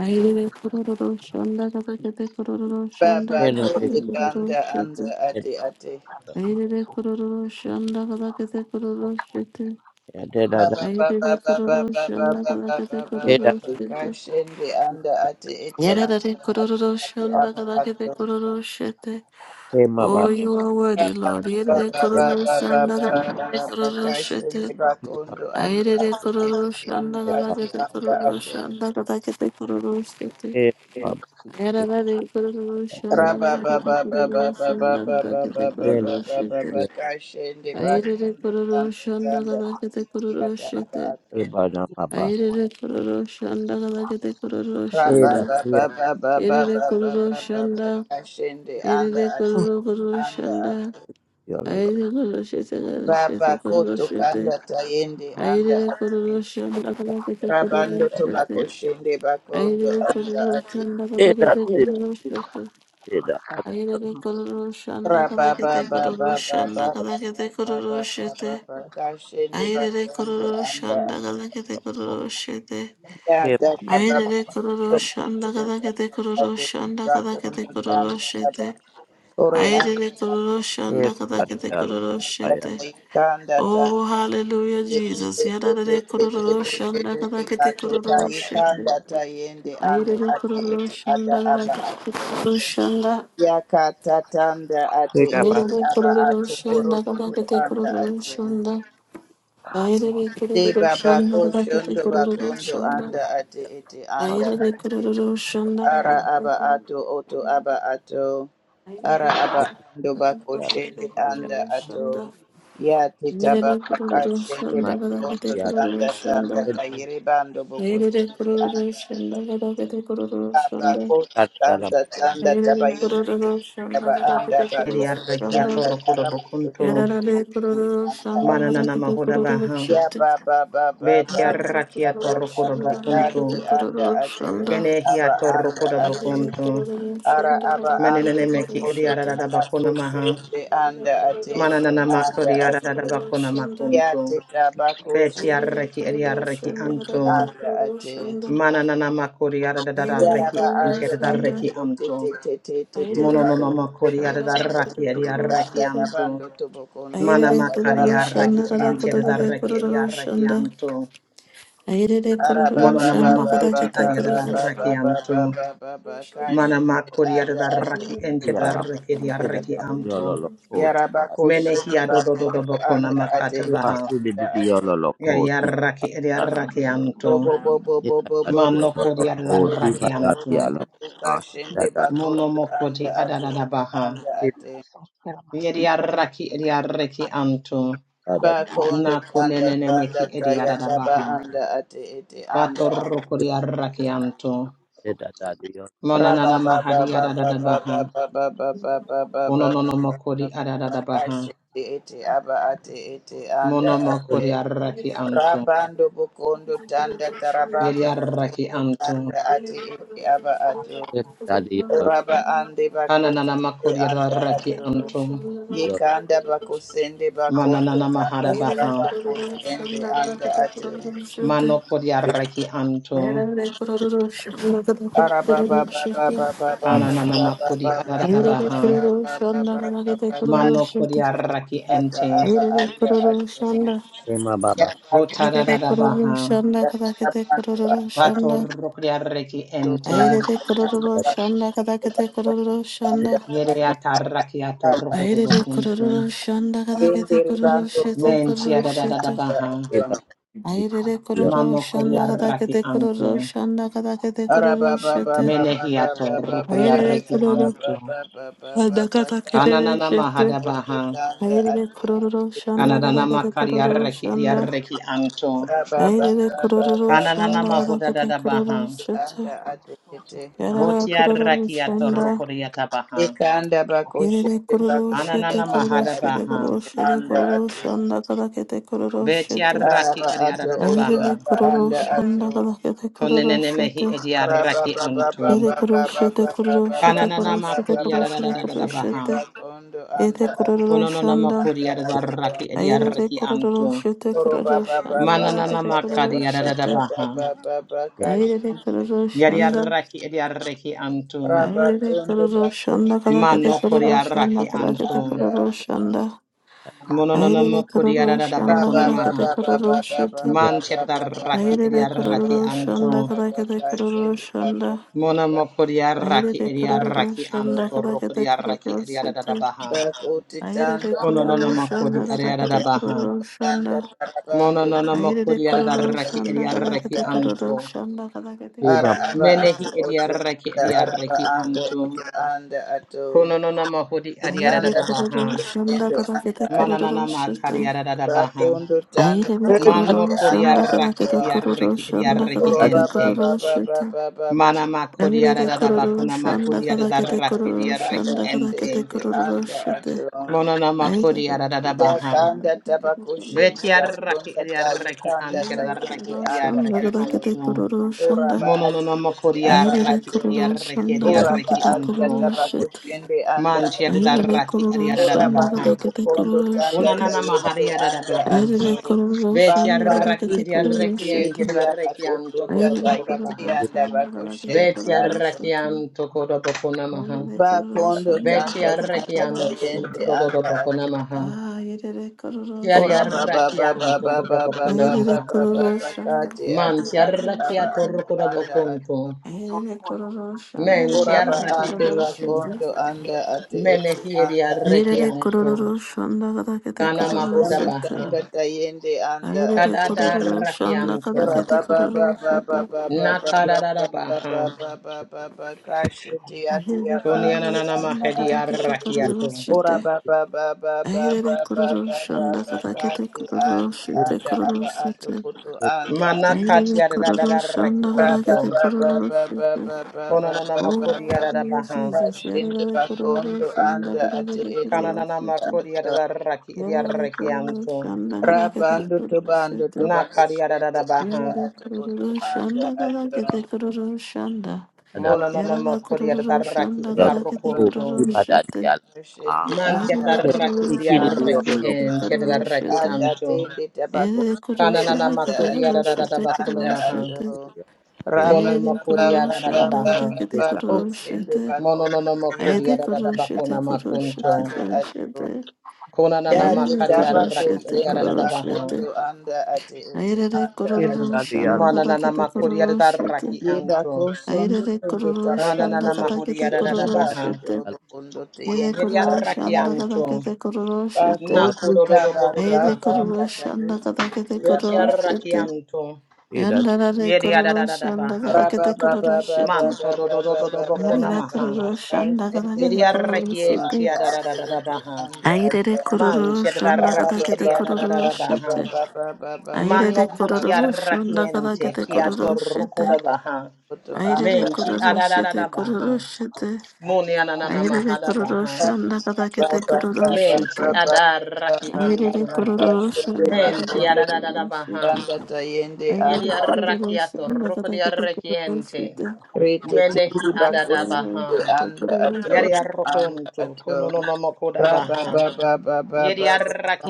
S1: Ayerere kororo shanda gabakete kororo shanda
S3: Baba
S4: ena
S1: gabakete
S3: kote
S4: dikia,
S1: kororo
S3: kanda
S1: shete.
S3: anda
S4: eda,
S3: ate ate.
S1: Ayerere kororo shanda gabakete kororo shete.
S4: eda dada,
S3: Baba
S1: Ayerere
S3: baba
S1: kororo
S3: baba
S1: shanda
S3: baba baba
S1: gabakete
S3: baba
S1: kororo
S4: eda
S3: baba
S1: shete.
S3: kashende anda ate ete
S4: dada,
S1: Yadadadi
S3: anda ate
S1: kororo
S3: ate
S4: baba,
S1: shanda
S3: aba ato.
S1: kadakete kororo shete.
S4: kema
S1: Oh,
S4: baba,
S1: you are worthy,
S3: Baba
S1: Lord. Yadadadi
S4: eda,
S3: baba
S1: kororo
S3: baba baba
S1: shanda
S3: baba
S1: kadakete
S3: baba
S1: kororo
S3: kashende
S1: shete.
S4: kema,
S3: bakondo anda
S1: Ayadadadi
S3: ate ete
S1: kororo shanda
S3: anda
S4: eda,
S3: ate
S1: kadakete
S3: anda
S1: kororo
S3: ate.
S1: shanda kadakete kororo shete.
S4: kema baba,
S1: Ayadadadi kororo
S4: eda, eda,
S1: shanda
S3: Raba
S1: kadakete
S3: baba baba
S1: kororo
S3: baba
S1: shanda
S3: baba baba
S1: kadakete
S4: kema
S1: kororo
S3: baba
S1: shete.
S3: baba
S4: dia,
S3: kashende
S4: eda,
S1: Ayadadadi
S3: bakondo
S1: kororo
S3: anda
S1: shanda
S3: anda ate
S1: kadakete
S3: ete
S1: kororo
S3: ata aba
S1: shete.
S3: ato.
S4: kema na baba,
S1: Ayadadadi kororo shanda kadakete kororo
S3: Ba ba
S1: shanda.
S4: eda
S3: ba ba
S4: dia,
S3: ba ba ba ba
S1: Yadadadi
S3: ba
S1: kororo
S3: ba
S1: shanda.
S3: kashende anda
S1: Iride
S3: ate
S1: kororo kororo
S3: anda
S1: shanda.
S3: ate
S4: diolo,
S1: Aire kororo shete kara shete
S3: baba
S1: kororo
S3: koto
S1: shete.
S3: kanda tayende anda
S1: Aire kororo
S3: ate
S1: shanda kata kete kororo
S3: rabando
S1: shete.
S3: tobako shende bakondo
S1: Aire
S3: anda
S1: kororo
S3: ate
S1: shanda kata
S4: eda
S1: kete
S4: dia,
S1: kororo shete.
S4: eda, eda,
S1: Aire kororo shanda kata
S3: raba
S1: kete
S3: baba,
S1: kororo
S3: baba, baba,
S1: shanda
S3: baba,
S1: kata
S3: ba
S1: kete
S3: ba
S1: kororo
S3: ba ba ba ba
S1: shete.
S3: ba ba kashende
S1: Aire
S3: bakondo
S1: kororo
S3: anda
S1: shanda
S3: ate
S1: kata kete kororo shete.
S4: Okay,
S3: yada baba
S1: Aire kororo
S3: kondo
S4: I
S1: shanda kata
S3: bakondo
S1: kete
S3: kanda
S1: kororo
S3: tayende
S1: shanda kata kete
S3: bakondo
S1: kororo
S3: tanda
S1: shete.
S3: Ore anda
S1: Aidede kororo
S4: said
S1: shanda kadakete
S4: that
S1: kororo
S4: I am
S1: shete.
S3: bakro kanda ta
S1: Oh, hallelujah, Jesus. Yadadade kororo shanda kadakete
S3: katuta
S4: a
S1: kororo shete.
S3: yikanda ta yende anda
S1: Aidede
S3: ate
S1: kororo
S3: ete ata
S1: shanda
S3: aba
S1: kadakete
S3: ato
S1: kororo shanda.
S3: yakata tanda ate
S4: big about
S3: ete
S1: Aidede
S3: aba
S1: kororo
S3: ato
S4: I am
S1: shanda
S3: orokondo
S1: kadakete
S3: anda
S1: kororo
S3: ate
S1: shanda.
S4: a
S1: Aidede
S3: de
S1: kororo
S3: baba
S1: shanda kadakete
S3: koshondo
S1: kororo
S3: bakondo
S4: big
S1: shanda.
S3: anda ate ete
S4: about
S3: anda
S1: Aidede
S3: ate
S1: kororo shanda
S3: Ara
S1: kadakete
S3: aba
S1: kororo shanda.
S3: ato oto aba ato.
S1: Aidede kororo
S3: Ara aba ando
S1: shanda
S3: bako
S1: kadakete
S3: shende anda
S1: kororo shanda.
S3: ato. Ya tita
S1: Airele
S3: baba ka
S1: kururu shanda
S4: I
S1: gada gede
S3: bakondo
S1: kururu
S3: tanda
S1: shanda.
S3: tanda tayiri bando boko
S1: Airele
S3: shende
S1: kururu
S3: anda
S1: shanda
S3: ato.
S1: gada gede kururu
S3: Aba
S1: shanda.
S3: koto tanda tanda
S1: Airele
S3: tabayindi
S1: kururu shanda
S3: taba
S1: gada
S3: anda
S1: gede kururu
S3: bakondo
S5: Eliarrakia
S1: shanda.
S3: tanda
S5: torokodo
S3: yara bando toko
S5: bokunto.
S1: Yararale
S3: shende
S1: kururu
S3: anda
S1: shanda
S3: ato.
S1: gada
S5: Mananana
S1: gede
S5: mahoda
S1: kururu
S5: baha.
S3: Ya
S1: shanda.
S3: baba baba baba
S1: Airele
S5: Betiarrakia
S3: baba
S1: kururu
S5: torokodo
S3: baba
S1: shanda gada
S3: kati
S1: gede
S5: bokunto.
S3: anda
S1: kururu
S3: ato
S1: shanda.
S5: Kenehia
S3: aba anda
S5: torokodo
S1: Airele
S3: ato
S5: bokunto.
S1: kururu
S3: ara
S1: shanda
S3: aba
S1: gada gede
S3: ando
S5: Menenene meki
S1: kururu
S3: rokondo
S1: shanda.
S5: eliarada
S3: taba
S5: bakona maha.
S3: koshende
S1: Airele
S3: anda ate
S1: kururu
S3: ete
S5: Mananana
S1: shanda gada
S3: anda
S5: makodi
S1: gede
S5: arada
S3: ate
S1: kururu
S5: bakona
S1: shanda.
S3: yate
S5: makunto.
S3: taba
S1: Airele
S5: Betiarreki
S3: koshende
S1: kururu
S5: eliarreki
S1: shanda gada gede
S5: anto.
S3: anda
S1: kururu
S3: ate
S1: shanda.
S5: Mananana makori arada
S1: Aire
S5: reki
S3: yaraba ando
S5: encheda
S1: kurushanda,
S5: reki
S3: bakondo tete
S5: anto.
S3: tete tete
S1: aire
S5: Mononono makori
S3: bakoshende
S1: kurushanda,
S5: arada
S1: rakete
S5: raki
S3: bakondo
S5: eliarreki
S3: anda
S1: kurushanda,
S5: anto.
S3: rabando tobokondo
S1: aire
S5: Mana
S3: tanda
S5: makari
S3: yaraba
S1: kurushanda,
S5: arraki
S3: ando
S5: enti
S3: anda
S1: rakete
S3: ate
S5: adarraki edi arraki
S1: kurushanda,
S5: anto.
S1: aire kurushanda, rakete kurushanda, Aire
S3: araba
S1: kurushanda, aire kurushanda,
S5: Mono
S3: ba
S5: nona
S3: ba ba ba
S1: rakete
S5: makuti
S3: ba
S5: adi
S3: ba ba
S5: adarraki
S3: ba
S1: kurushanda,
S3: ba ba
S5: anto.
S3: ba ba ba kashi
S5: Mana makuri
S3: anda ate
S5: adarraki
S3: ete
S5: enti
S3: anda
S5: adarraki edi arraki anto.
S3: Yarabako
S5: Mene hi
S3: shende
S5: adodododo
S3: bakondo
S5: bokona
S3: anda ate
S5: makata
S3: ete
S5: baha.
S3: anda ate.
S5: Yari arraki edi arraki anto.
S3: Bobo bobo bobo bobo
S5: Mano
S3: bobo
S5: kuri
S3: bobo bobo
S5: adarraki anto.
S3: kashende
S5: Mono
S3: bakondo anda
S5: mokuti
S3: ate
S5: adadada
S3: ete
S5: baha.
S3: anda ate.
S5: Yari arraki edi arraki anto.
S3: Bakondo tanda
S5: Nakunenene
S3: tanda
S5: meki edi
S3: taya
S5: adada
S3: taba
S5: baha.
S3: anda ate ete anda ate.
S5: Batorro kodi arrakianto.
S4: am
S3: Raba
S5: Monanana
S3: ba ba
S5: mahadi
S3: ba ba
S5: adadada
S3: ba
S5: baha.
S3: ba ba ba ba ba ba ba ba ba
S5: Bononono
S3: ba
S5: mokodi
S3: ba
S5: adadada baha.
S3: kashende ete aba ate ete anda
S5: Mono
S4: a
S3: ate.
S5: mokodi arrakianto.
S3: Rabando bokondo tanda
S5: Yedi
S3: tarabando bokondo
S5: arrakianto.
S3: tanda
S1: aire
S3: ate ete aba
S1: kurushanda,
S3: ato.
S4: Yes,
S3: Oraba ande
S5: Ananana
S3: bakosende
S5: makodi
S3: anda ato.
S5: arrakianto.
S3: Yekanda bakosende bakondo
S5: Mananana
S3: tanda
S5: mahada baha.
S3: tarabakosende anda
S1: rakete
S3: ato.
S5: Mano
S1: kurushanda.
S5: kodi arrakianto.
S1: Aire de kororo shanda kata
S3: Araba baba baba baba baba
S5: Ananana
S3: baba
S5: makodi
S3: baba
S5: adadada baha.
S3: baba baba baba baba
S5: Mano kodi
S3: ata
S5: arrakiente.
S3: aba anda ato. Yaba kondo
S5: Botadada baha.
S3: tanda
S5: Batorro kodi arrakiente. Yereata rakiato rokodobo kuntu. Mentia da baha. Mano koria raki anto. Menehiato rokoria reki anto.
S1: kerere
S5: Ananana
S1: shete.
S5: mahada baha.
S1: Aire kororo shanda
S5: Ananana
S1: gada gada
S5: makaria
S1: kororo
S5: reki ya
S1: shanda.
S5: anto.
S1: Aire kororo
S5: Ananana
S1: shanda gada
S5: mahuda da
S1: gada
S5: da
S1: kororo
S5: baha.
S1: shete. Yarara
S5: Botia
S1: kororo
S5: rakiato
S1: shanda.
S5: rokoria tabaha.
S3: Ikanda
S1: Yere
S3: bakoshende
S1: kororo
S3: bakonde
S1: shete
S5: Ananana
S3: anda
S1: kororo
S5: mahada
S1: shete
S3: ati
S5: baha.
S1: kororo shete
S3: anda
S1: kororo
S3: ati
S1: shanda gada gada kororo
S5: Betia
S1: shete.
S5: raki
S3: araba
S5: ariada
S3: ato
S5: da da
S3: oto
S1: Aire
S5: baha.
S3: aba
S1: kororo
S3: anda
S1: shanda
S3: ato
S1: gada gada kororo
S5: Konenene mehi
S1: shete.
S5: edia anto.
S1: Yere kororo shete kororo shete kororo
S5: Kananama
S1: shete kororo shete kororo
S5: Kuriarabaha.
S1: shete.
S3: Bakondo
S1: Yere kororo
S5: Kononama
S1: shanda.
S5: Kuriaraki
S1: Aire
S5: Ediaraki
S1: kororo
S5: Anto.
S1: shete kororo shanda gada gada
S5: Mananama
S1: kororo shete.
S5: Kadiarabaha.
S1: Ayerere kororo shanda.
S5: Yadiaraki Ediaraki Anto.
S1: Ayerere kororo shanda kadakete
S5: Mano
S1: kororo shanda
S5: Kuriaraki
S1: kadakete
S5: Anto.
S1: kororo shanda. Ayerere
S5: Mononama
S1: kororo shanda
S5: Kuriarabakunamaha.
S1: kadakete kororo shete.
S5: Manchedaraki
S1: Ayerere kororo
S5: Ediaraki
S1: shanda
S5: Anto.
S1: kadakete kororo shanda.
S5: Monama Kuriaraki
S1: Ayerere kororo
S5: Ediaraki
S1: shanda
S5: Anto.
S1: kadakete
S5: Rokuriaraki
S1: kororo shete.
S5: Ediarabaha.
S3: Bakuti tanda
S1: Ayerere kororo
S3: tanda
S5: Kononama
S1: shanda
S3: bakuti
S1: kadakete
S5: Kuriarabaha.
S1: kororo shanda.
S3: tanda tarabando
S5: Mononona
S1: Ayerere
S5: makuri
S3: tanda
S1: kororo
S5: adaraki
S1: shanda
S5: ediaraki
S1: kadakete kororo
S5: anto.
S1: shanda kadakete
S3: ara
S1: kororo
S3: aba
S1: shete.
S3: ato
S5: Menehi
S3: oto
S5: ediaraki
S3: anda araba
S5: ediaraki
S3: ando
S5: anto.
S3: oto anda ato
S5: Kononona mahudi
S1: Aire
S3: anda
S5: adiadadabaha.
S1: kororo
S3: bakuti
S1: shonda
S3: tanda
S1: kada
S3: anda
S1: kete
S3: ato
S1: kororo
S5: Mananana makari
S1: shete.
S5: adadabaha.
S3: bakundo tanda
S1: Aire de
S5: Mano
S1: kororo
S3: tayende
S5: kori
S3: anda
S1: shonda kada
S3: ato
S5: adaraki
S1: kete kororo
S5: ediaraki
S1: shonda
S5: ediaraki
S1: kada
S3: oroba
S1: kete
S3: ba
S5: ente.
S3: ba
S1: kororo
S3: ba ba
S1: shete.
S3: ba ba ba ba ba ba ba ba ba ba ba ba
S5: Mana makuri
S1: Aire de kororo
S5: adadabakuna
S1: shonda
S5: makuri
S1: kada kete
S5: adaraki
S1: kororo
S5: ediaraki
S3: anda
S1: shonda kada
S3: ate
S1: kete
S5: ente.
S3: ete
S1: kororo
S3: anda
S1: shete.
S3: ato
S5: Monona
S1: Aire
S5: makuri
S1: de kororo
S5: adadabaha.
S1: shonda
S3: yakanda
S1: kada kete kororo
S3: tabakushende
S1: shete.
S5: Vetiaraki
S3: basonda
S5: ediaraki
S3: tayikanda
S1: Aire de
S5: antiadaraki
S3: tayende
S1: kororo
S3: anda
S1: shonda
S5: ediaraki
S1: kada
S3: ato
S1: kete
S5: anto.
S1: kororo shonda.
S3: oraba ati
S5: Mononono
S3: kuti
S5: mokori
S3: aba
S1: Aire de
S5: arraki
S3: ato
S1: kororo
S5: ediarreki
S1: shonda kada
S3: oraba
S5: ediarreki
S1: kete
S3: anda
S5: antu.
S1: kororo shete.
S3: tabakushende anda
S5: Manti
S3: ato
S1: Aire de
S5: adarraki
S1: kororo
S3: oraba
S1: shonda
S5: adiadadabaha.
S3: ando
S1: kada kete
S3: bukondo
S1: kororo
S3: tanda
S1: shete.
S5: Unanana
S3: tayende
S5: mahari
S3: anda
S5: adadabaha.
S3: ato
S1: Ayrıca
S5: Beti
S1: korunmuşsun,
S3: papa
S1: nerede
S5: arraki
S1: kete
S3: titi yeti
S5: ediarreki
S1: korunmuşsun
S5: enti
S1: diye.
S3: yeti
S5: adarreki antu
S3: yakakutunda
S1: Ayrıca
S3: tayiti
S5: kodobokodabaha.
S3: yanda
S1: korunmuşsun, nerede kete
S3: bakushende
S5: Beti
S3: ato
S1: korunmuşsun
S5: arraki
S1: diye.
S5: antu kodobokonamaha.
S1: Ayrıca
S3: bakondo
S1: korunmuşsun,
S5: Beti
S3: tanda
S1: nerede kete
S5: arraki
S3: tanda
S5: antu
S1: korunmuşsun
S3: tayende
S1: diye.
S3: anda
S5: dododobokonamaha.
S3: ato
S1: Ayrıca
S5: Kiari
S3: Ora
S1: korunmuşsun,
S3: ba ba
S5: arraki
S3: ba ba
S5: antu
S3: ba ba ba ba ba
S1: ayrıca korunmuşsun, nerede kete
S5: kodobokonamaha.
S3: ba ba ba
S1: korunmuşsun diye. Ayrıca korunmuşsun,
S3: kati
S1: nerede
S3: ati
S1: kete
S5: Manti
S3: ati
S5: arraki
S3: aba
S1: korunmuşsun diye.
S3: ati anda
S5: atorrokodobokontu.
S3: ati
S1: Ayrıca korunmuşsun, nerede
S5: Menti
S3: ora ba
S1: kete
S5: arraki
S3: ande ba
S5: antu.
S1: korunmuşsun
S3: kondo
S1: diye.
S3: anda ati eti
S5: Menehieria
S3: anda ati
S1: Ayrıca
S5: rekianto.
S1: korunmuşsun, nerede kete
S5: Kana
S3: ba
S5: mahuda
S3: kondo
S4: sir.
S1: korunmuşsun
S5: baha.
S3: tanda tayende anda
S5: Kadada
S3: ati
S5: rakianto.
S3: Ora ba ba ba ba
S1: diye.
S3: ba ba ba
S5: Nakadada baha.
S3: ba ba ba kati
S1: Ahiri kororo
S5: Konianana
S1: shanda
S5: mahedia
S1: katakete kororo
S5: rakiato.
S1: shite. Ahiri kororo shanda katakete kororo
S3: ati
S1: shite
S3: anda
S1: kororo
S3: aba ato
S1: shite.
S3: kutu anda
S1: Ahiri
S5: Manakatia
S1: kororo
S5: dada
S1: shanda
S3: ba ba
S1: katakete
S5: rakianto.
S3: ba ba
S1: kororo
S3: ba ba ba
S1: shite.
S3: ba ba ba
S5: Kononana
S1: Oh,
S3: ba
S5: makodia
S3: ba
S5: dada
S1: hallelujah,
S5: baha.
S1: Jesus.
S3: kashinde
S1: Yarare kororo
S3: bakondo
S1: shanda
S3: anda ati
S1: katakete
S3: ete
S1: kororo
S5: Kananana
S1: shite.
S5: makodia
S3: ato
S5: dada rakiadia
S1: Yarare kororo
S5: rakianto.
S1: shanda katakete
S3: rabando
S1: kororo
S3: tobando
S1: shite.
S5: Nakadia
S3: tobakushinde
S5: dada
S3: anda
S5: baha.
S1: Yarare
S3: ato
S1: kororo
S3: kutu anda
S1: shanda katakete
S3: ato
S1: kororo shanda.
S3: Ora
S5: Mononana
S1: Yarare
S5: makodia
S1: kororo
S5: dada
S1: shanda
S5: rakiadia
S1: katakete kororo
S5: rokunto.
S1: shite.
S3: shende
S5: Man
S1: Aire
S3: anda
S5: tiada
S1: de
S3: ati
S5: raki
S1: kororo
S5: dia
S1: shanda
S3: anda
S1: kada
S5: raki
S3: ati
S5: en
S1: kurushete
S5: tiada raki
S1: kurushete,
S3: anda
S5: anto.
S3: tabako
S1: ede
S3: shende
S5: Kananana
S1: kurushanda
S3: anda
S1: kada
S5: makodia da
S3: ati
S5: da da
S3: ati
S5: da bakuna
S3: anda
S5: maha.
S3: ati raba
S5: Kono
S3: ba ba
S5: makodia
S3: ba
S5: da da
S3: ba
S5: da baha.
S3: shende bako
S5: Mononono
S3: yanda
S5: makodia da da da bakuna makunto.
S3: anda ati ya
S5: Konanana makaria
S3: tabako
S5: raki eria da
S3: shende
S5: da da
S3: bako
S5: baha.
S3: anda ati ati anda
S5: Mananana makodia da da raki
S3: Yeba
S5: anto.
S3: kosondo tondo taraba
S5: Mananana
S3: kodo
S5: mahodia da da
S3: kosondo
S5: da
S3: bando
S5: baha.
S3: torobo kondo
S1: kete
S3: teyende
S5: Yeria
S1: kororo
S3: anda
S5: raki
S3: ato.
S5: anto.
S3: Bako
S1: shete.
S5: Nakodo do do
S3: tutaba
S5: boho da
S1: Ayede
S3: sata
S5: baha.
S1: kororo
S3: ndata
S1: shanda
S3: yote
S1: kada kete
S3: yaba
S5: Betia
S1: kororo
S3: ato.
S5: raki
S1: shete.
S5: anto.
S1: Yandara re
S5: Yeria da da
S1: kororo
S5: da da
S1: shanda
S5: baha.
S1: kada
S3: Raba
S1: kete
S3: baba
S1: kororo
S3: baba
S1: shete.
S5: Manto
S3: baba
S5: do do do do do
S3: baba
S5: bakuna
S1: Yarara
S3: baba
S5: maha.
S3: baba
S1: kororo shanda kada
S3: kasende
S1: kete kororo
S5: Yediaraki
S3: bakondo
S1: shete.
S5: enti
S3: anda ato
S5: adadadada
S3: oto
S5: baha.
S3: anda
S1: Ayere
S3: ato.
S1: re
S5: Man
S1: kororo shanda kada
S3: Araba
S5: chiadaraki
S1: kete
S3: baba
S1: kororo
S5: ediadadada
S3: baba
S1: shete.
S5: baha.
S3: baba baba baba
S1: Ayere
S5: Mano
S1: re
S3: baba
S1: kororo
S5: kutiaraki
S1: shanda kada
S5: ente
S1: kete
S3: baba
S1: kororo
S5: kiatoruko
S1: shete.
S5: da
S3: anda ato
S5: baha.
S3: oto
S1: Ayere
S3: anda
S1: re
S5: Menti
S1: kororo shete
S5: adadadada
S1: kororo
S5: baha.
S1: shete.
S5: Moni ananana
S1: Ayere re
S5: mahada
S1: kororo
S5: baha.
S1: shanda kada kete kororo
S5: Menti
S1: shete.
S5: adaraki
S1: Ayere re
S5: antum.
S1: kororo shanda kada
S5: Menti
S1: kete
S5: adadadada
S1: kororo
S5: baha.
S3: Yende
S1: Ahirade
S3: anda
S5: Yediaraki
S1: kororoshanda
S5: atoruko
S1: katate
S5: diaraki ente.
S1: kororoshite.
S3: rete tindi
S5: Menehi adada
S3: bakuti
S5: baha.
S3: anda ato anda
S5: Yediarukuntu
S3: ato
S5: kunononomokoda
S3: raba
S5: baha.
S3: ba ba ba ba ba ba ba
S5: Yeri
S3: ba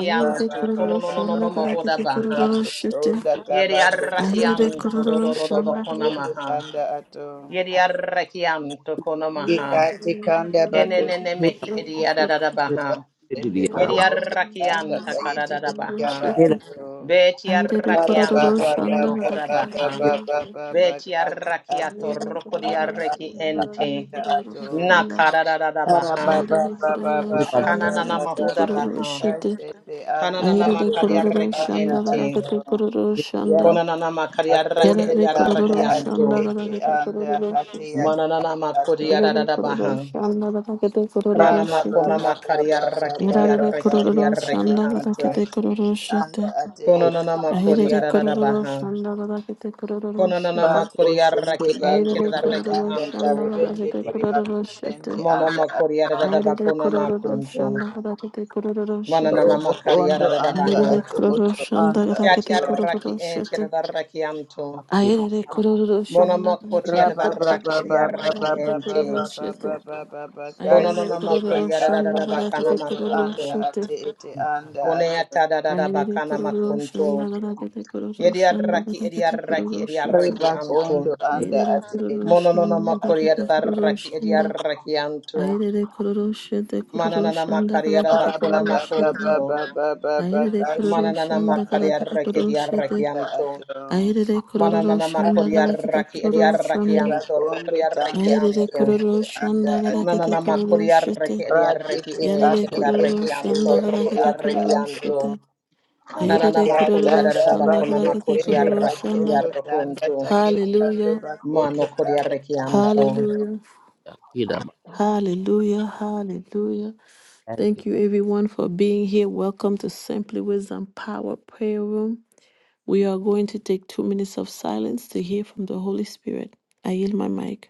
S1: Ahirade
S3: ba ba
S5: kono no
S3: ba
S5: no no
S3: ba
S1: kororoshanda
S5: no mohoda
S1: katate kororoshite. Ahirade kororoshanda katate
S3: kashiti
S5: baha.
S3: bakuti
S1: kororoshite.
S3: unda
S5: Yeri
S3: tabandu burutu
S1: Ahirade
S5: arrakianto do do do
S3: kusiti
S5: do
S1: kororoshanda
S5: bakona
S1: katate
S3: bakundu
S5: maha.
S3: anda ato
S5: Yeri arrakianto kono maha.
S1: kororoshite.
S3: ikati kanda
S5: Kene ne
S3: bakuti
S5: ne mehi edi adada baha.
S3: bakuti
S1: Ahirade
S5: Yeri
S3: bakuti anda
S1: kororoshanda
S5: arrakianta
S1: katate
S3: kayiti
S5: karadada
S3: yaba
S5: baha.
S1: kororoshite.
S4: Era,
S3: ato
S5: Beti
S1: Ahirade
S3: Bara ba
S5: arrakianto
S3: ba
S5: kono
S3: ba
S1: kororoshanda
S3: ba
S5: mohoda
S1: katate
S3: ba ba
S5: baha.
S4: era,
S3: ba ba ba ba
S1: kororoshite.
S5: Beti
S3: ate ate
S5: arrakiato roko di
S3: aba aba
S5: arreki ente.
S3: ate ato.
S5: Na karadada
S3: Bara ba
S5: baha.
S3: ba ba ba ba ba ba
S5: Kananana
S3: ba ba
S5: mahoda
S3: ba
S5: baha.
S3: kashete ande
S5: Kananana
S1: Aire de
S3: ate
S5: makari
S3: ete
S1: kororo
S5: arreki
S3: ande
S1: shanda la la
S5: ente.
S3: ato.
S1: de kororo
S3: Ya
S1: shanda.
S5: Konanana makariaraki
S1: Yara
S3: akunde
S1: de
S3: ande
S1: kororo
S3: ate
S5: eriarakianto.
S1: shanda la la
S3: ete
S1: de
S3: ande
S1: kororo
S3: ate
S1: shite.
S3: ate
S5: Mananana
S1: Yara de
S5: makodiarada
S1: kororo
S5: baha.
S1: shanda la la de
S5: Mana
S1: kororo
S3: ba ba ba
S5: makona
S1: shite.
S3: ba ba ba ba
S5: makariaraki
S3: ba
S1: Yara
S3: ba
S1: de
S5: eriaraki
S3: ba
S1: kororo
S3: ba ba
S1: shanda la
S3: ba
S1: la
S5: eriarakianto.
S1: de
S3: kashete
S1: kororo shite.
S5: Konanana
S1: Aire de
S5: makodiarada
S1: kororo
S5: baha.
S1: shanda la la de kororo
S5: Konanana
S1: shite.
S3: Bakushende
S5: makodiaraki
S1: Aire de
S3: bakundo
S5: enchedaraki
S1: kororo
S3: tanda
S1: shanda
S5: anto.
S1: la la
S3: tarebende
S1: de
S3: tere
S1: kororo
S3: bakushende
S1: shite.
S5: Mana
S3: anda atu.
S5: makodiarada
S1: Aire de
S5: bakona
S1: kororo
S5: makunto.
S1: shanda la la de kororo
S5: Mananana
S1: shite.
S3: robo kondo
S5: makariarada
S1: Aire
S3: anda
S1: de
S5: baha.
S3: atu
S1: kororo
S3: oto
S1: shanda la
S3: anda
S1: la de
S3: atu
S1: kororo
S5: Kiatiaraki
S1: shite.
S5: enchedaraki anto.
S1: Ayerere kororo
S5: Mona
S1: shanda
S5: makoti
S1: galakete
S3: raba ba
S1: kororo
S5: adaraki
S3: ba ba ba
S1: shanda
S3: ba
S5: eriaraki
S1: galakete
S3: ba ba ba
S5: ente.
S1: kororo
S3: ba
S1: shete.
S3: ba ba ba ba
S1: Ayerere
S5: Kononona
S3: kashende
S1: kororo
S5: makoria da da da
S3: bakanda
S1: shanda
S5: bakana
S1: galakete
S3: batondo
S1: kororo
S3: anda
S5: makunto.
S1: shete.
S3: ate ete anda atu
S5: Oneata da da da
S1: Ayerere
S5: bakana
S1: kororo shanda
S5: makunto.
S1: galakete kororo shanda
S5: Yediarraki
S1: galakete kororo
S5: ediarraki
S1: shete.
S5: ediarraki
S3: reba
S5: anto.
S3: kondo anda
S1: Ayerere
S3: ate
S1: kororo
S3: ete
S5: Mononona
S1: shanda
S3: anda atu
S5: makoria
S1: galakete
S5: da
S1: kororo
S5: raki
S1: shanda.
S5: ediarraki anto.
S1: Ayerere kororo shete kororo
S5: Mananana
S1: shanda
S5: makaria da
S1: galakete
S3: raba
S5: bakona
S1: kororo
S3: ba ba ba
S1: shete.
S5: makunto.
S3: ba ba ba ba ba
S1: Ayerere kororo
S3: kashende
S5: Mananana
S1: shanda
S3: anda
S5: makaria
S1: galakete
S3: ate
S5: raki
S1: kororo
S3: ete
S5: ediarraki
S1: shete.
S3: anda
S5: anto.
S3: atu
S1: Ayerere kororo
S5: Mananana
S1: shanda
S5: makoria
S1: galakete
S5: raki
S1: kororo
S5: ediarraki
S1: shanda.
S5: anto.
S3: Bakondo
S5: Rokoria raki
S3: tanda
S1: Yarere
S5: anto.
S3: tayende
S1: kororo
S3: anda
S1: shanda gada kete
S5: Mananana
S3: ato.
S1: kororo
S5: makoria raki
S1: shete.
S3: Rati
S5: ediarraki
S1: Yarere
S5: ente
S3: tikati
S5: da
S1: kororo
S5: raki
S3: kende
S5: anto.
S1: shanda gada
S3: tayende
S5: Rokoria
S1: kete
S3: anda
S5: raki
S1: kororo
S5: anto.
S3: ato.
S1: shete.
S5: Kanana
S1: Ayerere
S3: Ya
S1: kororo
S5: makori
S3: tata
S5: arara
S1: shanda
S5: bakona
S1: gada
S3: bako
S1: kete
S5: makoti
S3: tende
S1: kororo
S5: araki
S1: shanda.
S3: bakondo tanda
S5: idiarokonto.
S3: tayende anda
S1: Hallelujah.
S5: Mano
S3: bakondo
S5: kori
S3: tanda tanda ato.
S5: arakianto.
S1: Hallelujah.
S4: era,
S1: Hallelujah. Hallelujah.
S4: Thank
S1: Thank
S4: you.
S1: you everyone for being here. Welcome to Simply Wisdom Power Prayer Room. We are going to take two minutes of silence to hear from the Holy Spirit. I yield my mic.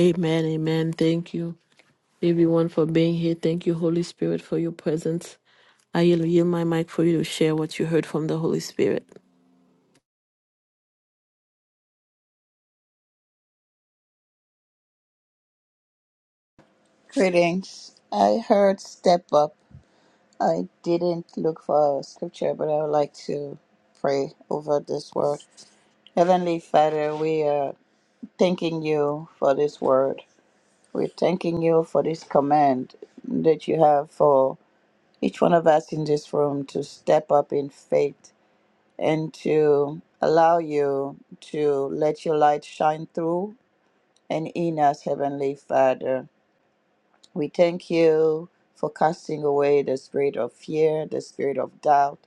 S1: Amen. Amen. Thank you. everyone for being here. Thank you, Holy Spirit, for your presence. I will yield my mic for you to share what you heard from the Holy Spirit.
S3: Greetings. I heard step up. I didn't look for a scripture, but I would like to pray over this word. Heavenly Father, we are thanking you for this word. We're thanking you for this command that you have for each one of us in this room to step up in faith and to allow you to let your light shine through and in us, Heavenly Father. We thank you for casting away the spirit of fear, the spirit of doubt,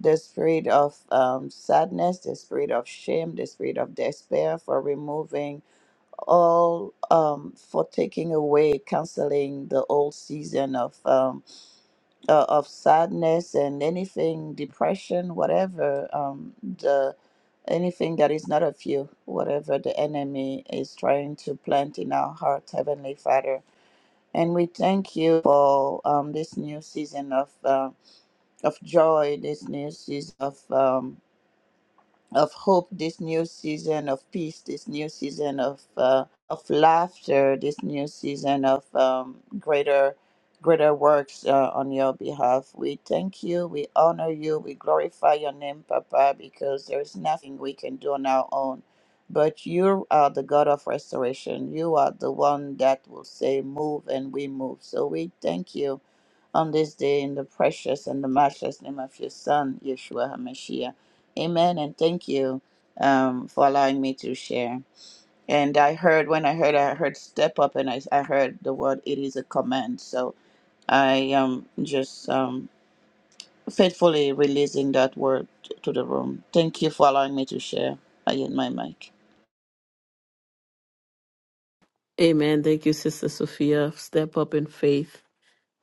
S3: the spirit of um, sadness, the spirit of shame, the spirit of despair, for removing all um, for taking away, canceling the old season of um, uh, of sadness and anything, depression, whatever um, the anything that is not of you, whatever the enemy is trying to plant in our heart, Heavenly Father. And we thank you for um, this new season of uh, of joy, this new season of um, of hope this new season of peace this new season of uh, of laughter this new season of um, greater greater works uh, on your behalf we thank you we honor you we glorify your name papa because there's nothing we can do on our own but you are the god of restoration you are the one that will say move and we move so we thank you on this day in the precious and the matchless name of your Son, Yeshua HaMashiach. Amen. And thank you um, for allowing me to share. And I heard, when I heard, I heard step up and I, I heard the word, it is a command. So I am just um, faithfully releasing that word to the room. Thank you for allowing me to share. I end my mic.
S1: Amen. Thank you, Sister Sophia. Step up in faith.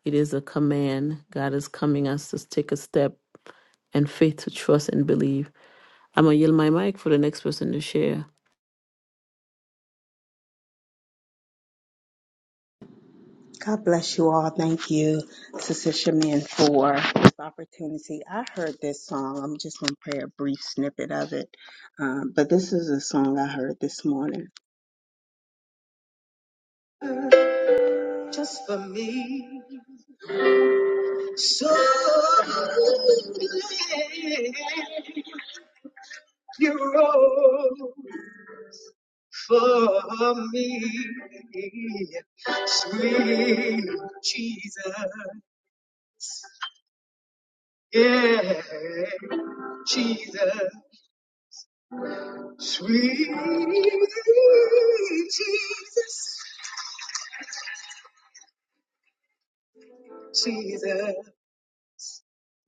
S1: It is a command. God is coming us to take a step and faith to trust and believe. I'm going to yield my mic for the next person to share.
S6: just for me. So glad you rose for me, sweet Jesus, yeah, Jesus, sweet Jesus, Jesus.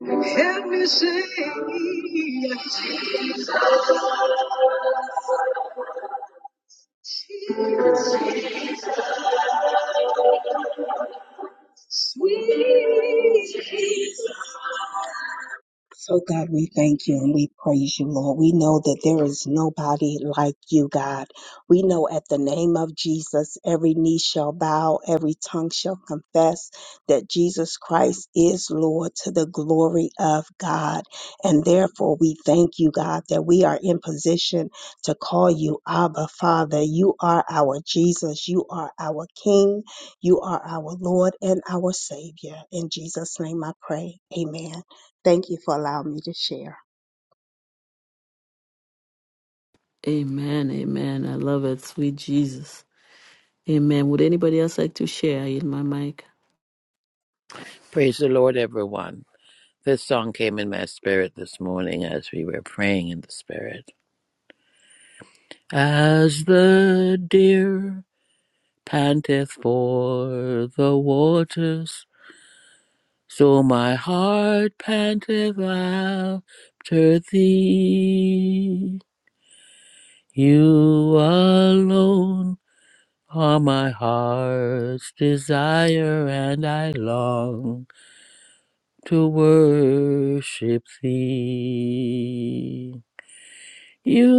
S6: Help me sing, Jesus, Jesus.
S1: Amen. Amen. I love it. Sweet Jesus. Amen. Would anybody else like to share? I yield my mic.
S4: Praise the Lord, everyone. This song came in my spirit this morning as we were praying in the spirit. As the deer panteth for the waters, so my heart panteth after thee. You alone. All my heart's desire and I long to worship thee. You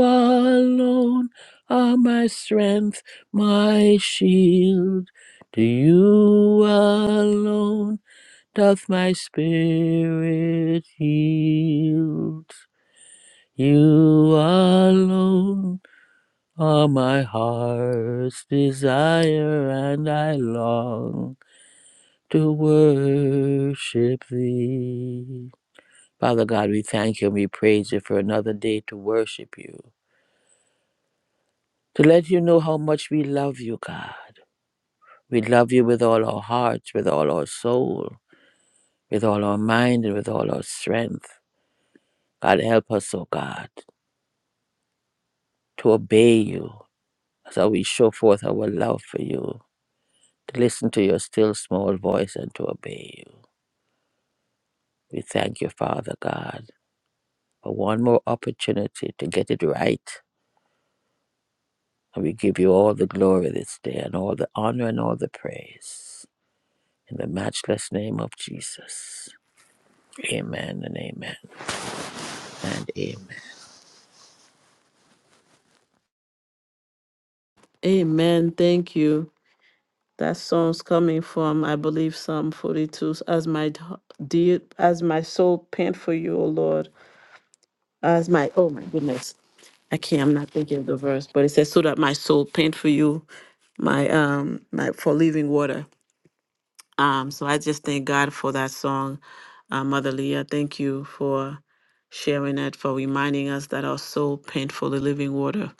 S4: alone are my strength, my shield. To you alone doth my spirit yield. You alone are my heart's desire and I long to worship thee. Father God, we thank you and we praise you for another day to worship you, to let you know how much we love you, God. We love you with all our hearts, with all our soul, with all our mind, and with all our strength. God, help us, O God, to obey you so we show forth our love for you, to listen to your still small voice and to obey you. We thank you, Father God, for one more opportunity to get it right And we give you all the glory this day and all the honor and all the praise. In the matchless name of Jesus. Amen and amen and amen.
S1: Amen. Thank you. That song's coming from, I believe, Psalm 42. As my d- dear, as my soul pant for you, O Lord, as my oh my goodness, I can't. I'm not thinking of the verse, but it says, "So that my soul pant for you, my um, my for living water." Um, so I just thank God for that song, uh, Mother Leah. Thank you for sharing it, for reminding us that our soul pant for the living water,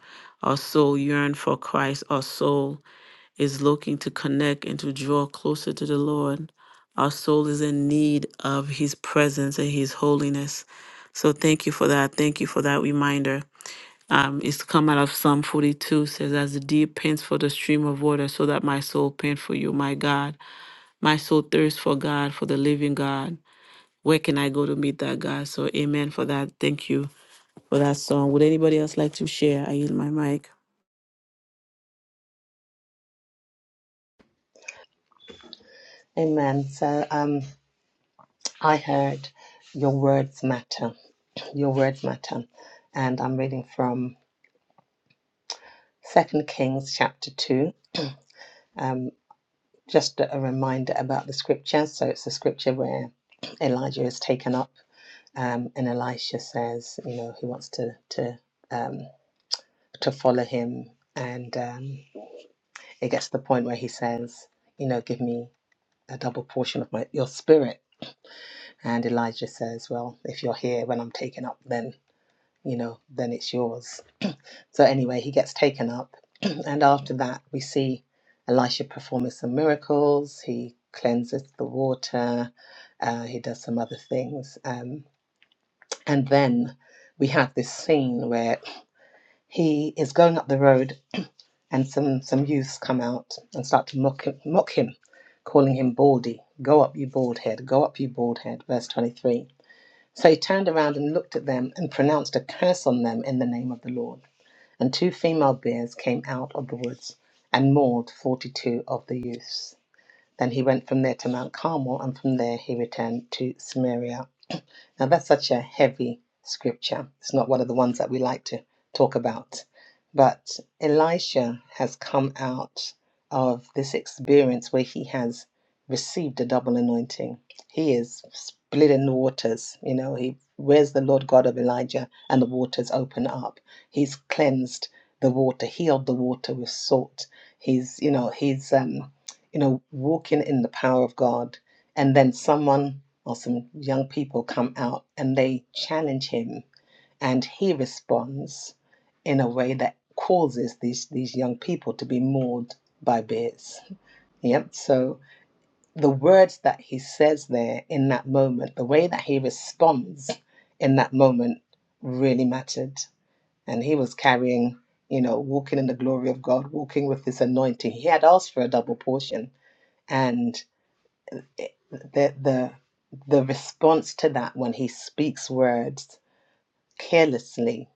S1: our soul yearn for Christ, our soul is looking to connect and to draw closer to the Lord. Our soul is in need of His presence and His holiness. So thank you for that. Thank you for that reminder. Um, it's come out of Psalm 42 says, As the deep pants for the stream of water, so that my soul pants for you, my God. My soul thirsts for God, for the living God. Where can I go to meet that God? So, amen for that. Thank you for that song. Would anybody else like to share? I yield my mic.
S5: Amen. So um, I heard your words matter. Your words matter. And I'm reading from 2 Kings chapter 2. Um, just a reminder about the scripture. So it's the scripture where Elijah is taken up um, and Elisha says, you know, he wants to to um, to follow him, and um, it gets to the point where he says, you know, give me a double portion of my your spirit. And Elijah says, well, if you're here when I'm taken up, then you know, then it's yours. So anyway, he gets taken up, and after that, we see Elisha performing some miracles. He cleanses the water. Uh, he does some other things, um, and then we have this scene where he is going up the road and some some youths come out and start to mock him, mock him calling him baldy go up you bald head go up you bald head verse 23 so he turned around and looked at them and pronounced a curse on them in the name of the lord and two female bears came out of the woods and mauled 42 of the youths then he went from there to Mount Carmel, and from there he returned to Samaria. Now, that's such a heavy scripture. It's not one of the ones that we like to talk about. But Elisha has come out of this experience where he has received a double anointing. He is splitting the waters. You know, he where's the Lord God of Elijah, and the waters open up. He's cleansed the water, healed the water with salt. He's, you know, he's um, you know, walking in the power of God. And then someone or some young people come out and they challenge him, and he responds in a way that causes these, these young people to be mauled by bears. Yep. So the words that he says there in that moment, the way that he responds in that moment really mattered. And he was carrying, you know, walking in the glory of God, walking with this anointing. He had asked for a double portion. And the the the response to that when he speaks words carelessly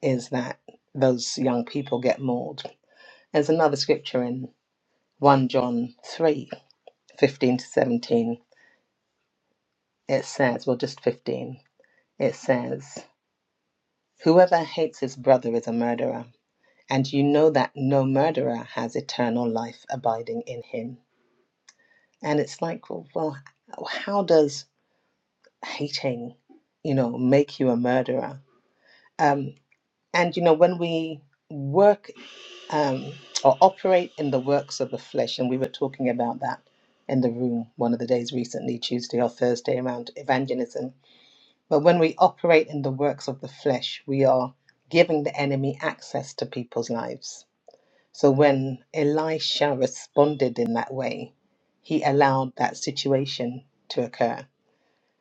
S5: is that those young people get mauled. There's another scripture in 1 John 3 15 to 17. It says, well, just 15, it says, Whoever hates his brother is a murderer, and you know that no murderer has eternal life abiding in him. And it's like, well, well how does hating, you know, make you a murderer? Um. And you know, when we work um, or operate in the works of the flesh, and we were talking about that in the room one of the days recently, Tuesday or Thursday, around evangelism. But when we operate in the works of the flesh, we are giving the enemy access to people's lives. So when Elisha responded in that way, he allowed that situation to occur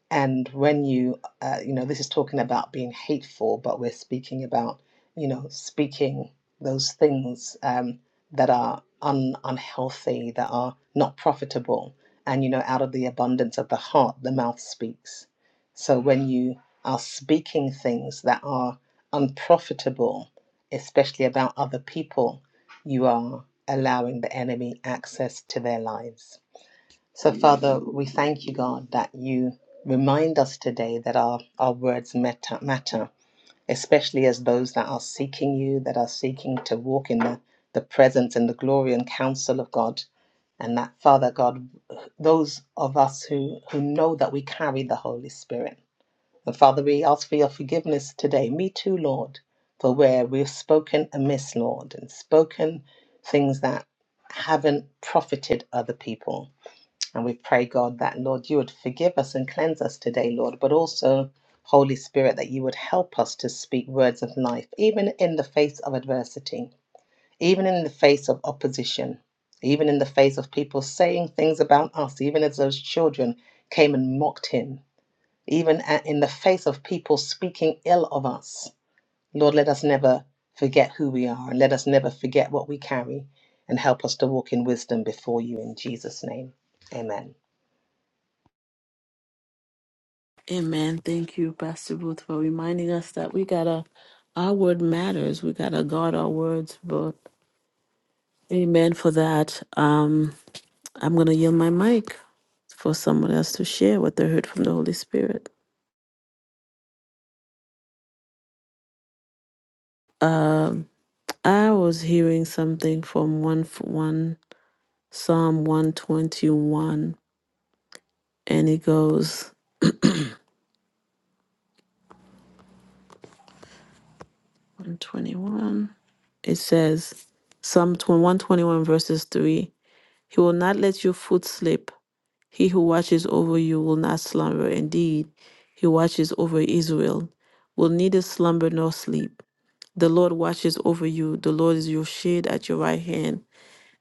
S5: and when you uh, you know this is talking about being hateful but we're speaking about you know speaking those things um, that are un- unhealthy that are not profitable and you know out of the abundance of the heart the mouth speaks so when you are speaking things that are unprofitable especially about other people you are allowing the enemy access to their lives so, Father, we thank you, God, that you remind us today that our, our words matter, matter, especially as those that are seeking you, that are seeking to walk in the, the presence and the glory and counsel of God. And that, Father God, those of us who, who know that we carry the Holy Spirit. And Father, we ask for your forgiveness today. Me too, Lord, for where we've spoken amiss, Lord, and spoken things that haven't profited other people. And we pray, God, that Lord, you would forgive us and cleanse us today, Lord, but also, Holy Spirit, that you would help us to speak words of life, even in the face of adversity, even in the face of opposition, even in the face of people saying things about us, even as those children came and mocked him, even a- in the face of people speaking ill of us. Lord, let us never forget who we are and let us never forget what we carry and help us to walk in wisdom before you in Jesus' name. Amen.
S1: Amen. Thank you, Pastor Booth, for reminding us that we gotta, our word matters. We gotta guard our words. But amen for that. Um, I'm gonna yield my mic for someone else to share what they heard from the Holy Spirit. Um, I was hearing something from one one Psalm 121, and it goes 121. It says Psalm 121 verses three. He will not let your foot slip. He who watches over you will not slumber. Indeed, he watches over Israel, will neither slumber nor sleep. The Lord watches over you. The Lord is your shade at your right hand.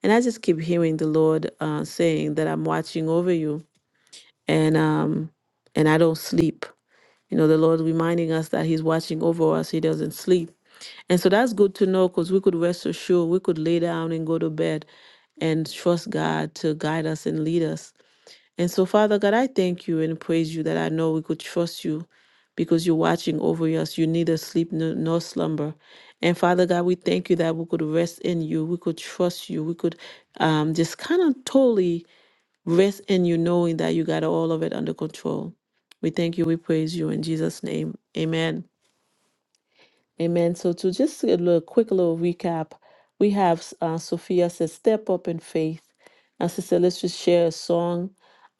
S1: And I just keep hearing the Lord uh, saying that I'm watching over you, and um, and I don't sleep. You know, the Lord reminding us that He's watching over us. He doesn't sleep, and so that's good to know because we could rest assured. We could lay down and go to bed, and trust God to guide us and lead us and so, Father God, I thank you and praise you that I know we could trust you because you're watching over us. You neither sleep nor, nor slumber. And Father God, we thank you that we could rest in you. We could trust you. We could um, just kind of totally rest in you, knowing that you got all of it under control. We thank you. We praise you in Jesus' name. Amen. Amen. So to just a little quick little recap, we have uh, Sophia says, "Step up in faith," and Sister let's just share a song.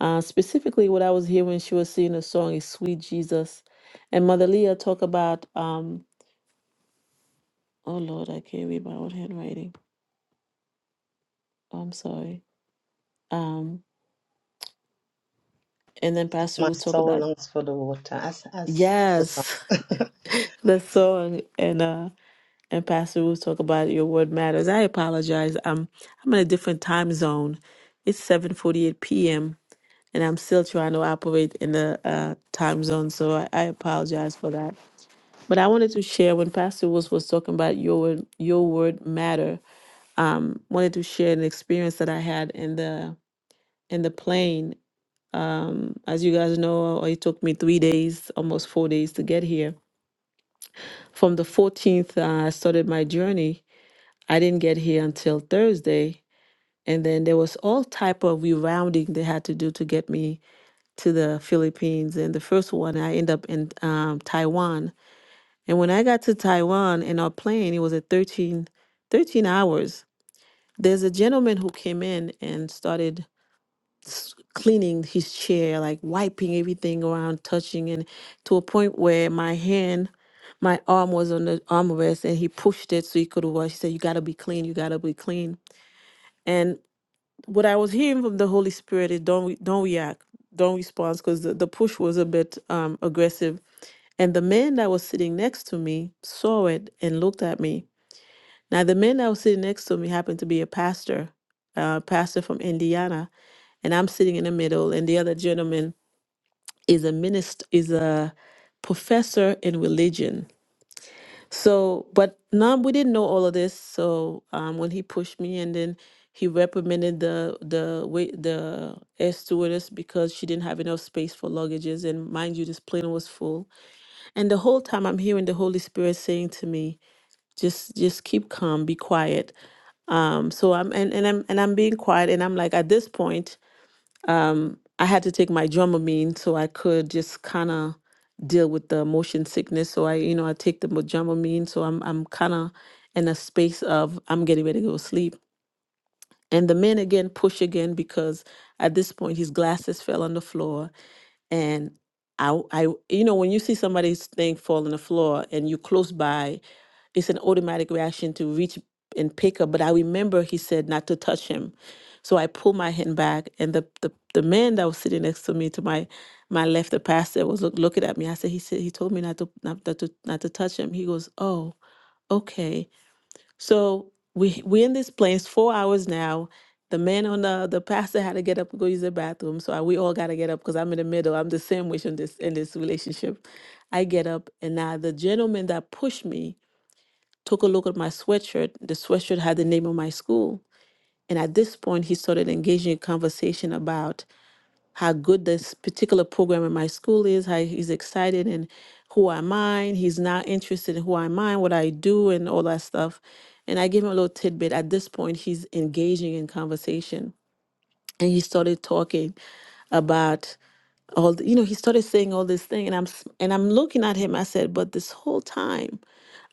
S1: Uh, specifically, what I was hearing, she was singing a song is "Sweet Jesus," and Mother Leah talk about, um, "Oh Lord, I can't read my own handwriting. Oh, I'm sorry." Um, and then Pastor
S5: My
S1: will talk
S5: soul
S1: about,
S5: longs for the water, as as the
S1: "Yes,
S5: song.
S1: that song," and uh, and Pastor Ruth talk about your word matters. I apologize. I'm I'm in a different time zone. It's 7:48 p.m. and I'm still trying to operate in the uh, time zone, so I, I apologize for that. But I wanted to share when Pastor Ruth was talking about your word, your word matter. Um, wanted to share an experience that I had in the in the plane. Um, as you guys know, uh, it took me three days, almost four days to get here. From the 14th, uh, I started my journey I didn't get here until Thursday, and then there was all type of rerouting they had to do to get me to the Philippines. And the first one, I end up in um, Taiwan. And when I got to Taiwan in our plane, it was at 13, 13 hours. There's a gentleman who came in and started s- cleaning his chair, like wiping everything around, touching, and to a point where my hand my arm was on the armrest and he pushed it so he could wash. He said, You gotta be clean, you gotta be clean. And what I was hearing from the Holy Spirit is don't re- don't react, don't respond, because the, the push was a bit um, aggressive. And the man that was sitting next to me saw it and looked at me. Now the man that was sitting next to me happened to be a pastor, a pastor from Indiana, and I'm sitting in the middle, and the other gentleman is a minister, is a professor in religion so, but now we didn't know all of this. So, um, when he pushed me, and then he reprimanded the the wait the air stewardess because she didn't have enough space for luggages, and mind you, this plane was full. And the whole time, I'm hearing the Holy Spirit saying to me, "Just, just keep calm, be quiet." Um, so I'm and and I'm and I'm being quiet, and I'm like, at this point. I had to take my Dramamine so I could just kind of deal with the motion sickness. So I, you know, I take the mo- Dramamine. So I'm, I'm kind of in a space of I'm getting ready to go to sleep. And the men again push again because at this point his glasses fell on the floor and I, I, you know, when you see somebody's thing fall on the floor and you are close by, it's an automatic reaction to reach and pick up. But I remember he said not to touch him, so I pulled my hand back, and the the, the man that was sitting next to me, to my my left, the pastor was look, looking at me. I said, he said he told me not to not, not to not to touch him. He goes, oh, okay so we we in this place four hours now. The man on the the pastor had to get up and go use the bathroom. So I, we all gotta get up because I'm in the middle. I'm the sandwich in this in this relationship. I get up and now the gentleman that pushed me took a look at my sweatshirt. The sweatshirt had the name of my school. And at this point he started engaging in conversation about how good this particular program in my school is, how he's excited and who I mind. He's not interested in who I mind, what I do, and all that stuff. And I gave him a little tidbit. At this point, he's engaging in conversation. And he started talking about all the, you know he started saying all this thing and i'm s- and i'm looking at him i said but this whole time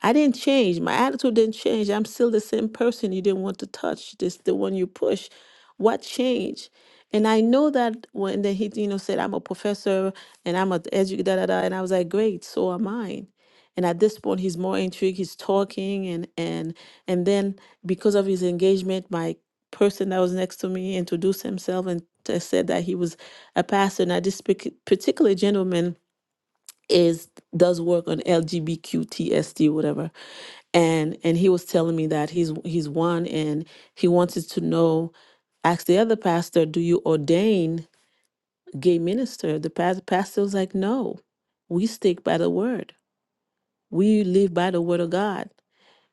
S1: i didn't change my attitude didn't change i'm still the same person you didn't want to touch this the one you push what changed and i know that when then he you know said i'm a professor and i'm an educator da, da, da," and i was like great so am i and at this point he's more intrigued he's talking and and and then because of his engagement my person that was next to me introduced himself and t- said that he was a pastor. Now, this pic- particular gentleman is does work on LGBTQTSD, whatever, and and he was telling me that he's he's one, and he wanted to know. Asked the other pastor, "Do you ordain gay minister?" The pas- pastor was like, "No, we stick by the word. We live by the word of God."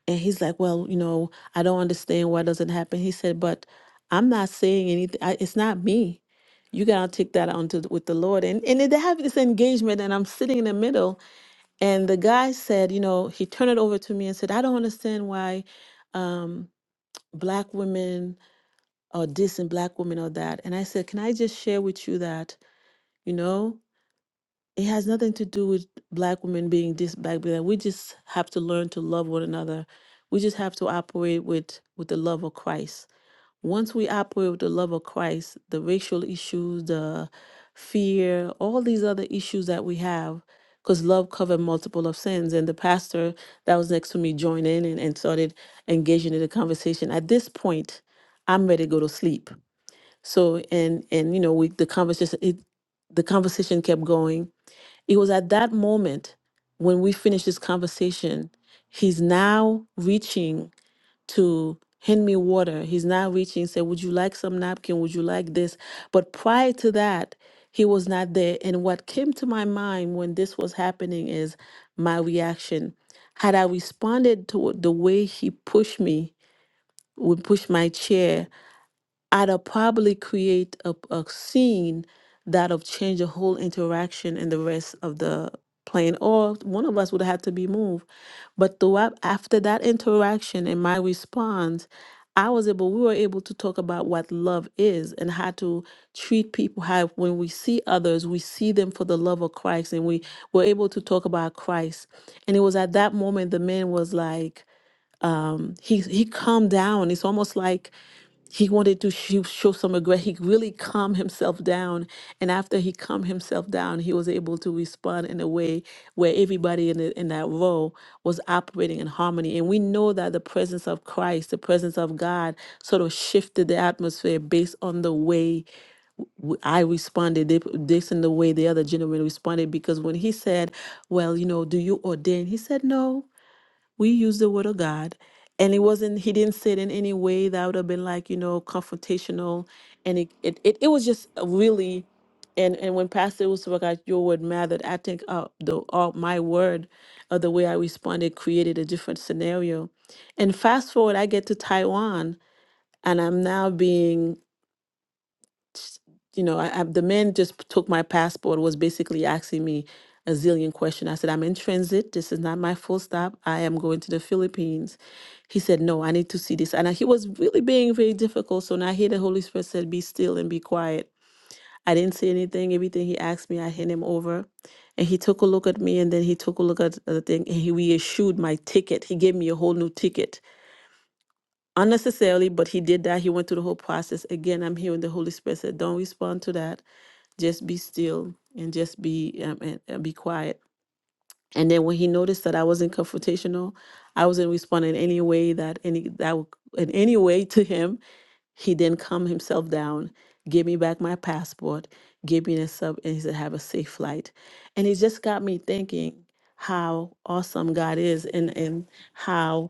S1: And he's like, well, you know, I don't understand why it doesn't happen. He said, but I'm not saying anything. I, it's not me. You gotta take that onto th- with the Lord. And and they have this engagement, and I'm sitting in the middle. And the guy said, you know, he turned it over to me and said, I don't understand why um, black women are this and black women are that. And I said, can I just share with you that, you know? it has nothing to do with black women being this black being that. we just have to learn to love one another we just have to operate with with the love of christ once we operate with the love of christ the racial issues the fear all these other issues that we have because love covered multiple of sins and the pastor that was next to me joined in and, and started engaging in the conversation at this point i'm ready to go to sleep so and and you know we the conversation it the conversation kept going it was at that moment when we finished this conversation, he's now reaching to hand me water. He's now reaching, say, Would you like some napkin? Would you like this? But prior to that, he was not there. And what came to my mind when this was happening is my reaction. Had I responded to the way he pushed me, would push my chair I'd uh, probably create a, a scene that'll change the whole interaction and the rest of the plane, or one of us would have to be moved. But throughout, after that interaction and my response, I was able, we were able to talk about what love is and how to treat people, how when we see others, we see them for the love of Christ, and we were able to talk about Christ. And it was at that moment the man was like, he he calmed down. It's almost like he wanted to show, show some regret. He really calmed himself down. And after he calmed himself down, he was able to respond in a way where everybody in, the, in that row was operating in harmony. And we know that the presence of Christ, the presence of God, sort of shifted the atmosphere based on the way w- I responded, they- based on the way the other gentleman responded. Because when he said, Well, you know, do you ordain? He said, No we used the word of God, and it wasn't. He didn't say it in any way that would have been like you know confrontational, and it it it, it was just a really, and and when Pastor was talking about your word mattered, I think uh, the uh, my word, uh, the way I responded created a different scenario, and fast forward, I get to Taiwan, and I'm now being s- you know, I, I, the man just took my passport, was basically asking me a zillion questions. I said, I'm in transit. This is not my full stop. I am going to the Philippines. He said, No, I need to see this. And I, he was really being very difficult. So now I hear the Holy Spirit said, Be still and be quiet. I didn't say anything. Everything he asked me, I hand him over. And he took a look at me and then he took a look at the thing and he reissued my ticket. He gave me a whole new ticket unnecessarily, but he did that. He went through the whole process. Again, I'm hearing the Holy Spirit said, Don't respond to that just be still and just be um, and, and be quiet and then when he noticed that i wasn't confrontational i wasn't responding in any way that any that would- in any way to him he then calmed himself down gave me back my passport gave me this up, and he said have a safe flight and it just got me thinking how awesome god is and and how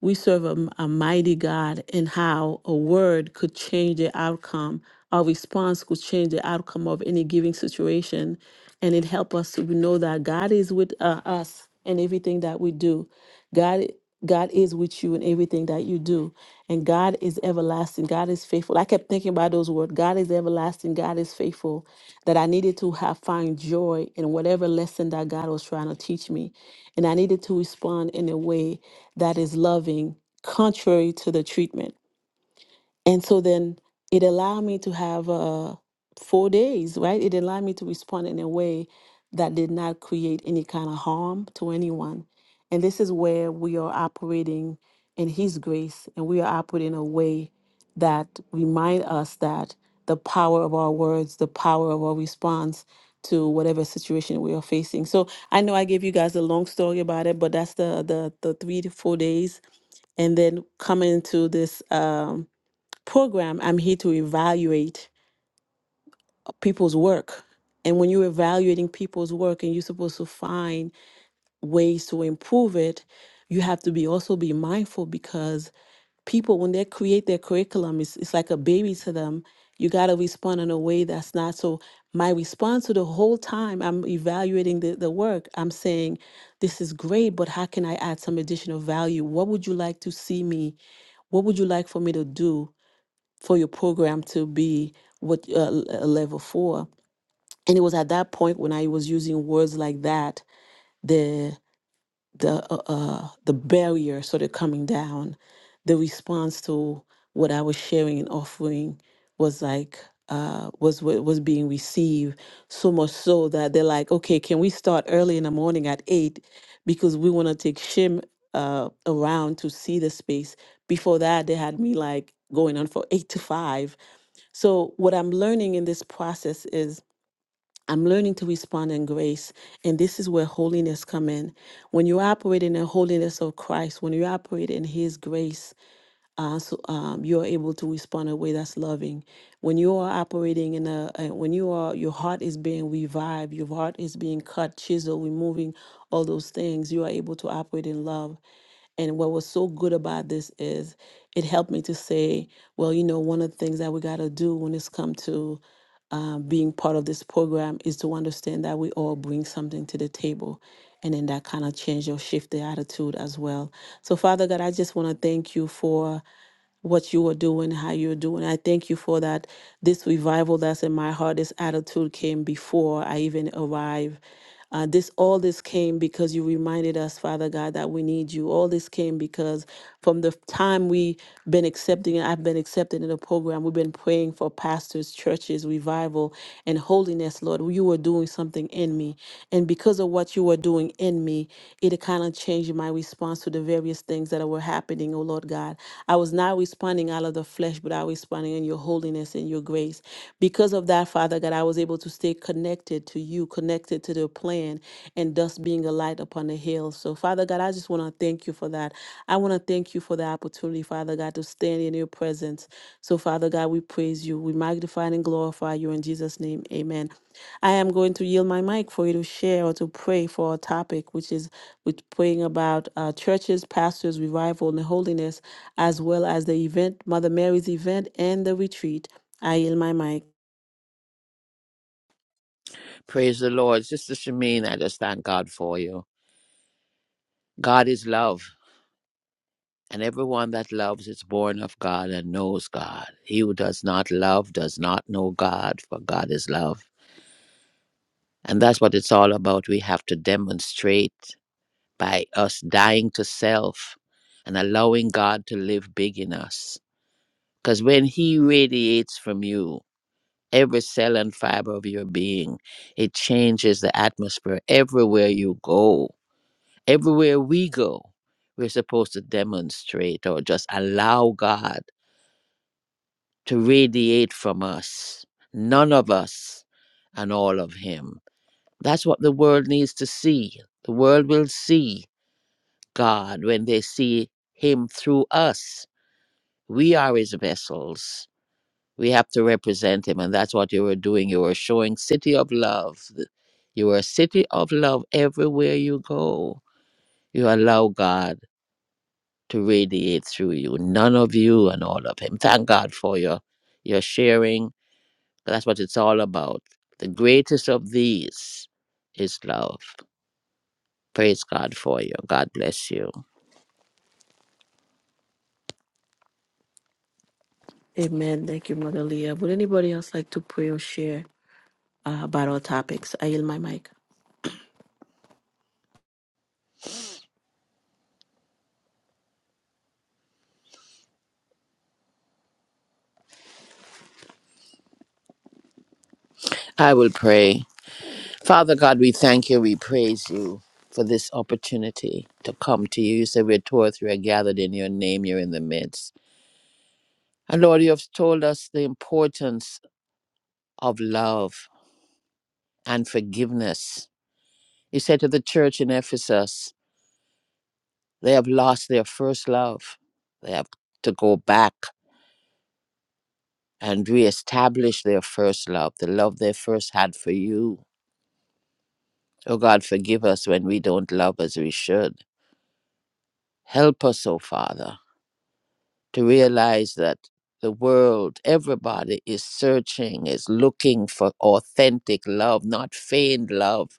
S1: we serve a a mighty God, and how a word could change the outcome. Our response could change the outcome of any giving situation. And it helps us to know that God is with uh, us in everything that we do. God, God is with you in everything that you do. And God is everlasting. God is faithful. I kept thinking about those words God is everlasting. God is faithful. That I needed to have find joy in whatever lesson that God was trying to teach me. And I needed to respond in a way that is loving contrary to the treatment. And so then it allowed me to have uh, four days, right? It allowed me to respond in a way that did not create any kind of harm to anyone. And this is where we are operating in His grace and we are operating in a way that remind us that the power of our words, the power of our response to whatever situation we are facing. So I know I gave you guys a long story about it, but that's the the, the three to four days and then come into this um, program i'm here to evaluate people's work and when you're evaluating people's work and you're supposed to find ways to improve it you have to be also be mindful because people when they create their curriculum it's, it's like a baby to them you got to respond in a way that's not so my response to the whole time i'm evaluating the, the work i'm saying this is great but how can i add some additional value what would you like to see me what would you like for me to do for your program to be what uh, a level four? And it was at that point when I was using words like that the the uh, uh, the barrier sort of coming down, the response to what I was sharing and offering was like uh, was wa- was being received so much so that they're like, okay, can we start early in the morning at eight because we want to take Shim uh, around to see the space. Before that, they had me like going on for eight to five. So what I'm learning in this process is I'm learning to respond in grace. And this is where holiness come in. When you operate in the holiness of Christ, when you operate in his grace, uh, so, um, you're able to respond in a way that's loving. When you are operating in a, uh, when you are, your heart is being revived, your heart is being cut, chiseled, removing all those things, you are able to operate in love. And what was so good about this is it helped me to say, well, you know, one of the things that we got to do when it's come to um, being part of this program is to understand that we all bring something to the table. And then that kind of changed or shift the attitude as well. So, Father God, I just want to thank you for what you are doing, how you're doing. I thank you for that. This revival that's in my heart, this attitude came before I even arrived. Uh, this all this came because you reminded us, Father God, that we need you. All this came because from the time we been accepting, I've been accepted in the program. We've been praying for pastors, churches, revival, and holiness, Lord. You were doing something in me, and because of what you were doing in me, it me to kind of change my response to the various things that were happening, oh Lord God. I was not responding out of the flesh, but I was responding in your holiness and your grace. Because of that, Father God, I was able to stay connected to you, connected to the plan, and thus being a light upon the hill. So, Father God, I just want to thank you for that. I want to thank you for the opportunity, Father God, to stand in your presence. So, Father God, we praise you. We magnify and glorify you in Jesus' name. Amen. I am going to yield my mic for you to share or to pray for our topic, which is we're praying about uh, churches, pastors, revival, and holiness, as well as the event, Mother Mary's event, and the retreat. I yield my mic.
S4: Praise the Lord. Sister Shamin, I just thank God for you. God is love. And everyone that loves is born of God and knows God. He who does not love does not know God, for God is love. And that's what it's all about. We have to demonstrate by us dying to self and allowing God to live big in us Because when He radiates from you, every cell and fiber of your being, it changes the atmosphere everywhere you go. Everywhere we go, we're supposed to demonstrate or just allow God to radiate from us, none of us, and all of Him. That's what the world needs to see. The world will see God when they see Him through us. We are His vessels we have to represent him and that's what you were doing you were showing city of love th- you were a city of love everywhere you go you allow god to radiate through you none of you and all of him thank god for your your sharing that's what it's all about the greatest of these is love praise god for you god bless you
S1: Amen. Thank you, Mother Leah. Would anybody else like to pray or share uh, about our topics? I yield my mic.
S4: i will pray Father God, we thank you, we praise you for this opportunity to come to you. You said we're two or three are gathered in your name, you're in the midst. And Lord, you have told us the importance of love and forgiveness. You said to the church in Ephesus, they have lost their first love. They have to go back and reestablish their first love, the love they first had for you. Oh God, forgive us when we don't love as we should. Help us, oh Father to realize that the world, everybody is searching, is looking for authentic love, not feigned love,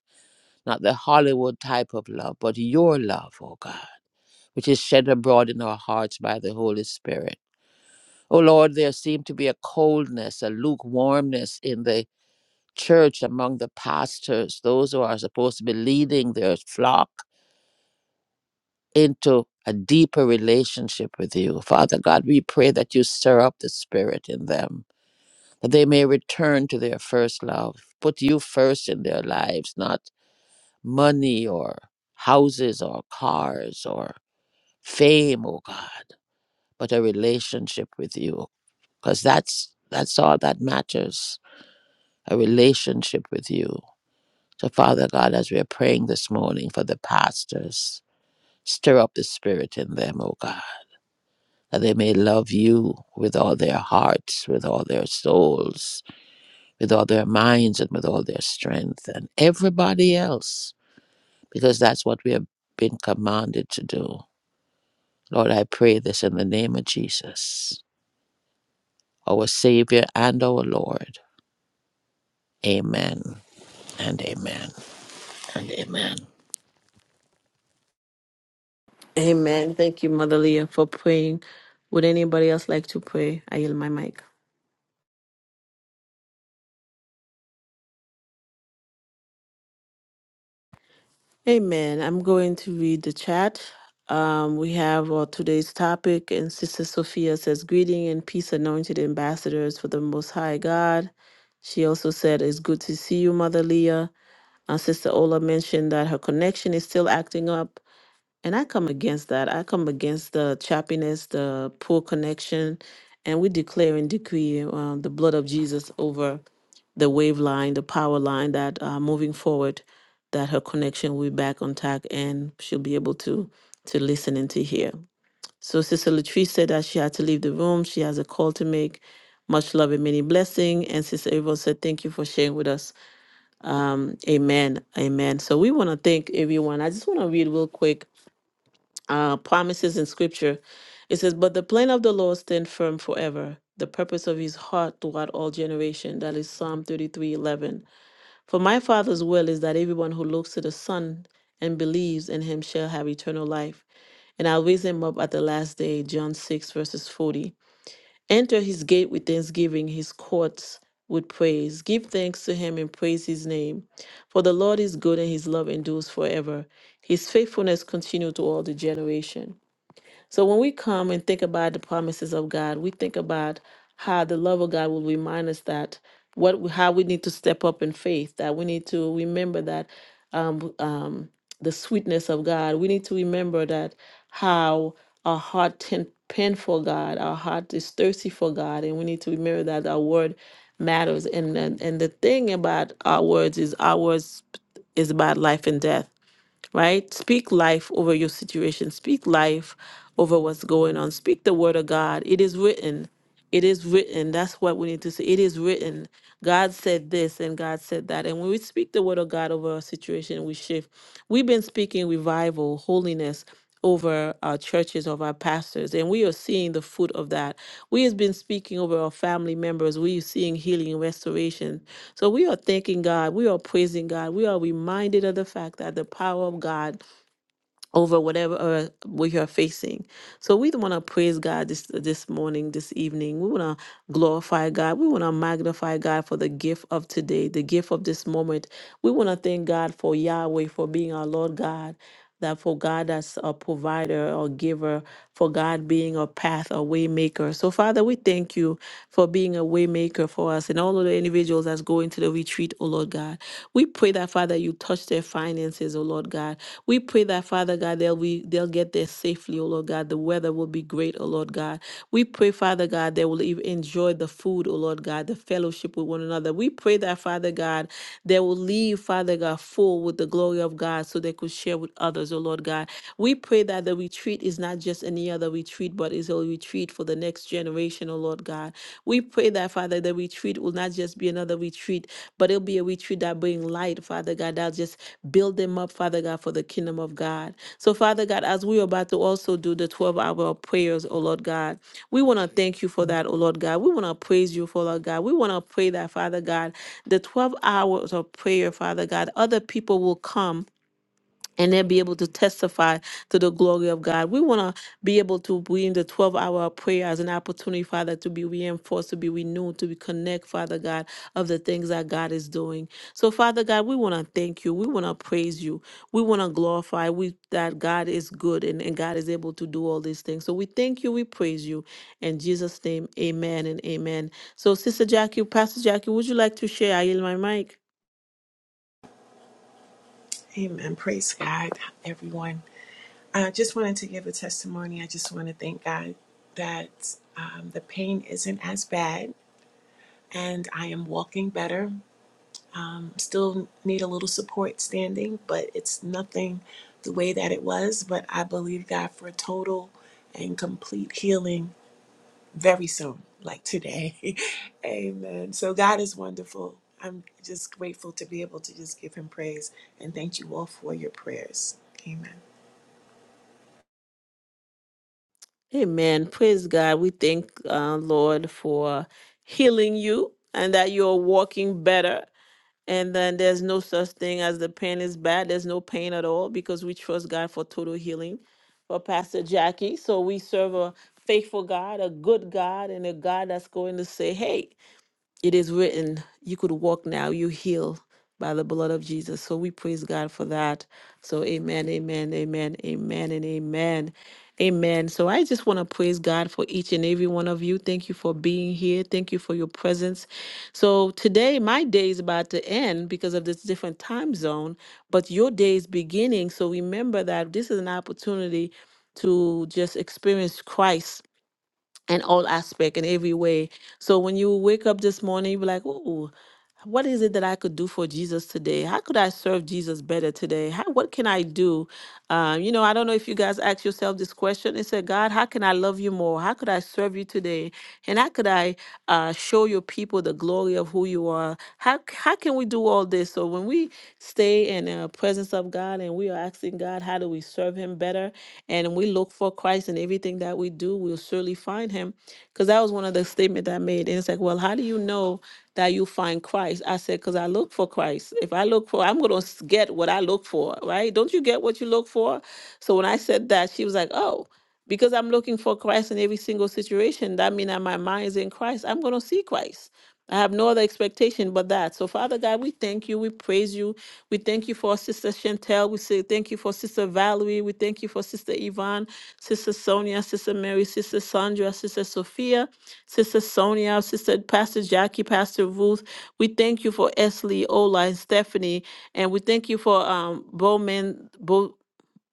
S4: not the Hollywood type of love, but your love, oh God, which is shed abroad in our hearts by the Holy Spirit. Oh Lord, there seemed to be a coldness, a lukewarmness in the church among the pastors, those who are supposed to be leading their flock into a deeper relationship with you. Father God, we pray that you stir up the spirit in them that they may return to their first love. Put you first in their lives, not money or houses or cars or fame, oh God, but a relationship with you. Because that's that's all that matters. A relationship with you. So Father God, as we are praying this morning for the pastors, stir up the spirit in them, oh God, that they may love you with all their hearts, with all their souls, with all their minds and with all their strength and everybody else, because that's what we have been commanded to do. Lord, I pray this in the name of Jesus, our Savior and our Lord. Amen and amen and amen.
S1: Amen. Thank you, Mother Leah, for praying. Would anybody else like to pray? I yield my mic. Amen. I'm going to read the chat. Um, we have uh, today's topic, and Sister Sophia says, Greeting and peace, anointed ambassadors for the Most High God. She also said, It's good to see you, Mother Leah. And Sister Ola mentioned that her connection is still acting up. And I come against that. I come against the choppiness, the poor connection. And we declare and decree um, the blood of Jesus over the wave line, the power line that uh, moving forward, that her connection will be back on track and she'll be able to to listen and to hear. So Sister Latrice said that she had to leave the room. She has a call to make. Much love and many blessing. And Sister April said, "Thank you for sharing with us." Um, amen, amen. So we want to thank everyone. I just want to read real quick uh, promises in Scripture. It says, "But the plan of the Lord stand firm forever; the purpose of His heart throughout all generation." That is Psalm thirty-three, eleven. For my Father's will is that everyone who looks to the Son and believes in him shall have eternal life, and I'll raise him up at the last day. John 6, verses 40. Enter his gate with thanksgiving, his courts with praise. Give thanks to him and praise his name. For the Lord is good and his love endures forever. His faithfulness continues to all the generation. So when we come and think about the promises of God, we think about how the love of God will remind us that what how we need to step up in faith, that we need to remember that um, um, the sweetness of God. We need to remember that how our heart ten, pent for God, our heart is thirsty for God, and we need to remember that our word matters. And and, and the thing about our words is our words is about life and death right? Speak life over your situation. Speak life over what's going on. Speak the word of God. It is written. It is written. That's what we need to say. It is written. God said this and God said that. And when we speak the word of God over our situation, we shift. We've been speaking revival, holiness over our churches, of our pastors, and we are seeing the fruit of that. We have been speaking over our family members. We are seeing healing, restoration, so we are thanking God. We are praising God. We are reminded of the fact that the power of God over whatever uh, we are facing. So we want to praise God this this morning, this evening. We want to glorify God. We want to magnify God for the gift of today, the gift of this moment we want to thank God for Yahweh for being our Lord God. That for God as a provider or giver, for God being a path, a way maker. So, Father, we thank you for being a way maker for us and all of the individuals that's going to the retreat, oh Lord God. We pray that, Father, you touch their finances, oh Lord God. We pray that, Father God, they'll, be, they'll get there safely, oh Lord God. The weather will be great, oh Lord God. We pray, Father God, they will even enjoy the food, oh Lord God, the fellowship with one another. We pray that, Father God, God, they will leave, Father God, full with the glory of God so they could share with others, oh Lord God. We pray that the retreat is not just any other retreat, but is a retreat for the next generation, oh Lord God. We pray that, Father, the retreat will not just be another retreat, but it'll be a retreat that bring light, Father God, that'll just build them up, Father God, for the kingdom of God. So, Father God, as we're about to also do the 12 hour prayers, oh Lord God, we want to thank you for that, oh Lord God. We want to praise you for, Lord God. We want to pray that, Father God the 12 hours of prayer, Father God, other people will come and they'll be able to testify to the glory of God. We want to be able to be in the 12 hour of prayer as an opportunity, Father, to be reinforced, to be renewed, to be connect, Father God, of the things that God is doing. So, Father God, we want to thank you. We want to praise you. We want to glorify we, that God is good and, and God is able to do all these things. So, we thank you. We praise you. In Jesus' name, amen and amen. So, Sister Jackie, Pastor Jackie, would you like to share? I yield my mic.
S7: Amen. Praise God, everyone. I just wanted to give a testimony. I just want to thank God that um, the pain isn't as bad and I am walking better. Still need a little support standing, but it's nothing the way that it was. But I believe God for total and complete healing very soon, like today. Amen. So God is wonderful. I'm just grateful to be able to just give him praise and thank you all for your prayers. Amen.
S1: Amen. Praise God. We thank uh, Lord for healing you and that you're walking better. And then there's no such thing as the pain is bad. There's no pain at all because we trust God for total healing for Pastor Jackie. So we serve a faithful God, a good God, and a God that's going to say, hey, it is written, you could walk now, you heal by the blood of Jesus. So we praise God for that. So amen, amen, amen, amen, and amen. Amen. So I just want to praise God for each and every one of you. Thank you for being here. Thank you for your presence. So today, my day is about to end because of this different time zone, but your day is beginning. So remember that this is an opportunity to just experience Christ in all aspect in every way. So when you wake up this morning, you're like, "Ooh, what is it that I could do for Jesus today? How could I serve Jesus better today? How, what can I do?" Um, you know, I don't know if you guys ask yourself this question. It said, "God, how can I love you more? How could I serve you today? And how could I?" uh, show your people the glory of who you are. How, how can we do all this? So when we stay in the presence of God and we are asking God, how do we serve him better? And we look for Christ in everything that we do, we'll surely find him. Because that was one of the statement that I made. And it's like, well, how do you know that you find Christ? I said, because I look for Christ. If I look for, I'm going to get what I look for, right? Don't you get what you look for? So when I said that, she was like, oh because I'm looking for Christ in every single situation. That means that my mind is in Christ. I'm going to see Christ. I have no other expectation but that. So, Father God, we thank you. We praise you. We thank you for Sister Chantel. We say thank you for Sister Valerie. We thank you for Sister Yvonne, Sister Sonia, Sister Mary, Sister Sandra, Sister Sophia, Sister Sonia, Sister Pastor Jackie, Pastor Ruth. We thank you for Esley, Ola, and Stephanie. And we thank you for um, Bowman, Bo-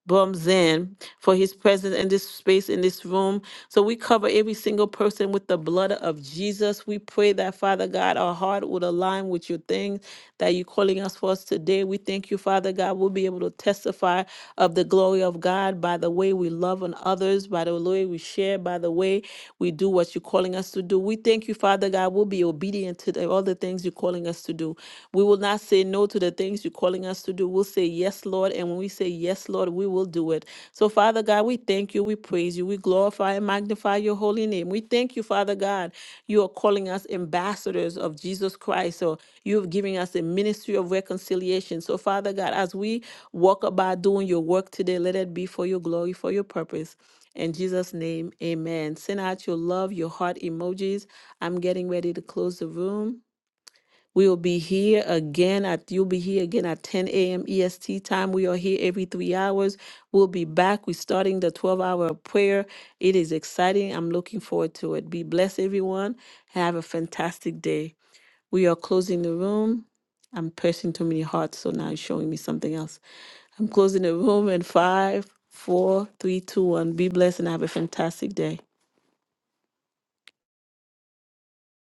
S1: Bumzin for his presence in this space, in this room. So we cover every single person with the blood of Jesus. We pray that, Father God, our heart would align with your things that you're calling us for us today. We thank you, Father God. We'll be able to testify of the glory of God by the way we love on others, by the way we share, by the way we do what you're calling us to do. We thank you, Father God. We'll be obedient to the the things you're calling us to do. We will not say no to the things you're calling us to do. We'll say yes, Lord. And when we say yes, Lord, we will do it. So, Father God, we thank you. We praise you. We glorify and magnify your holy name. We thank you, Father God. You are calling us ambassadors of Jesus Christ. So, you have given us a ministry of reconciliation. So, Father God, as we walk about doing your work today, let it be for your glory, for your purpose. In Jesus' name, amen. Send out your love, your heart emojis. I'm getting ready to close the room. We will be here again at you'll be here again at 10 a.m. EST time. We are here every three hours. We'll be back. We're starting the 12 hour prayer. It is exciting. I'm looking forward to it. Be blessed, everyone. Have a fantastic day. We are closing the room. I'm pressing too many hearts, so now it's showing me something else. I'm closing the room in five, four, three, two, one. Be blessed and have a fantastic day.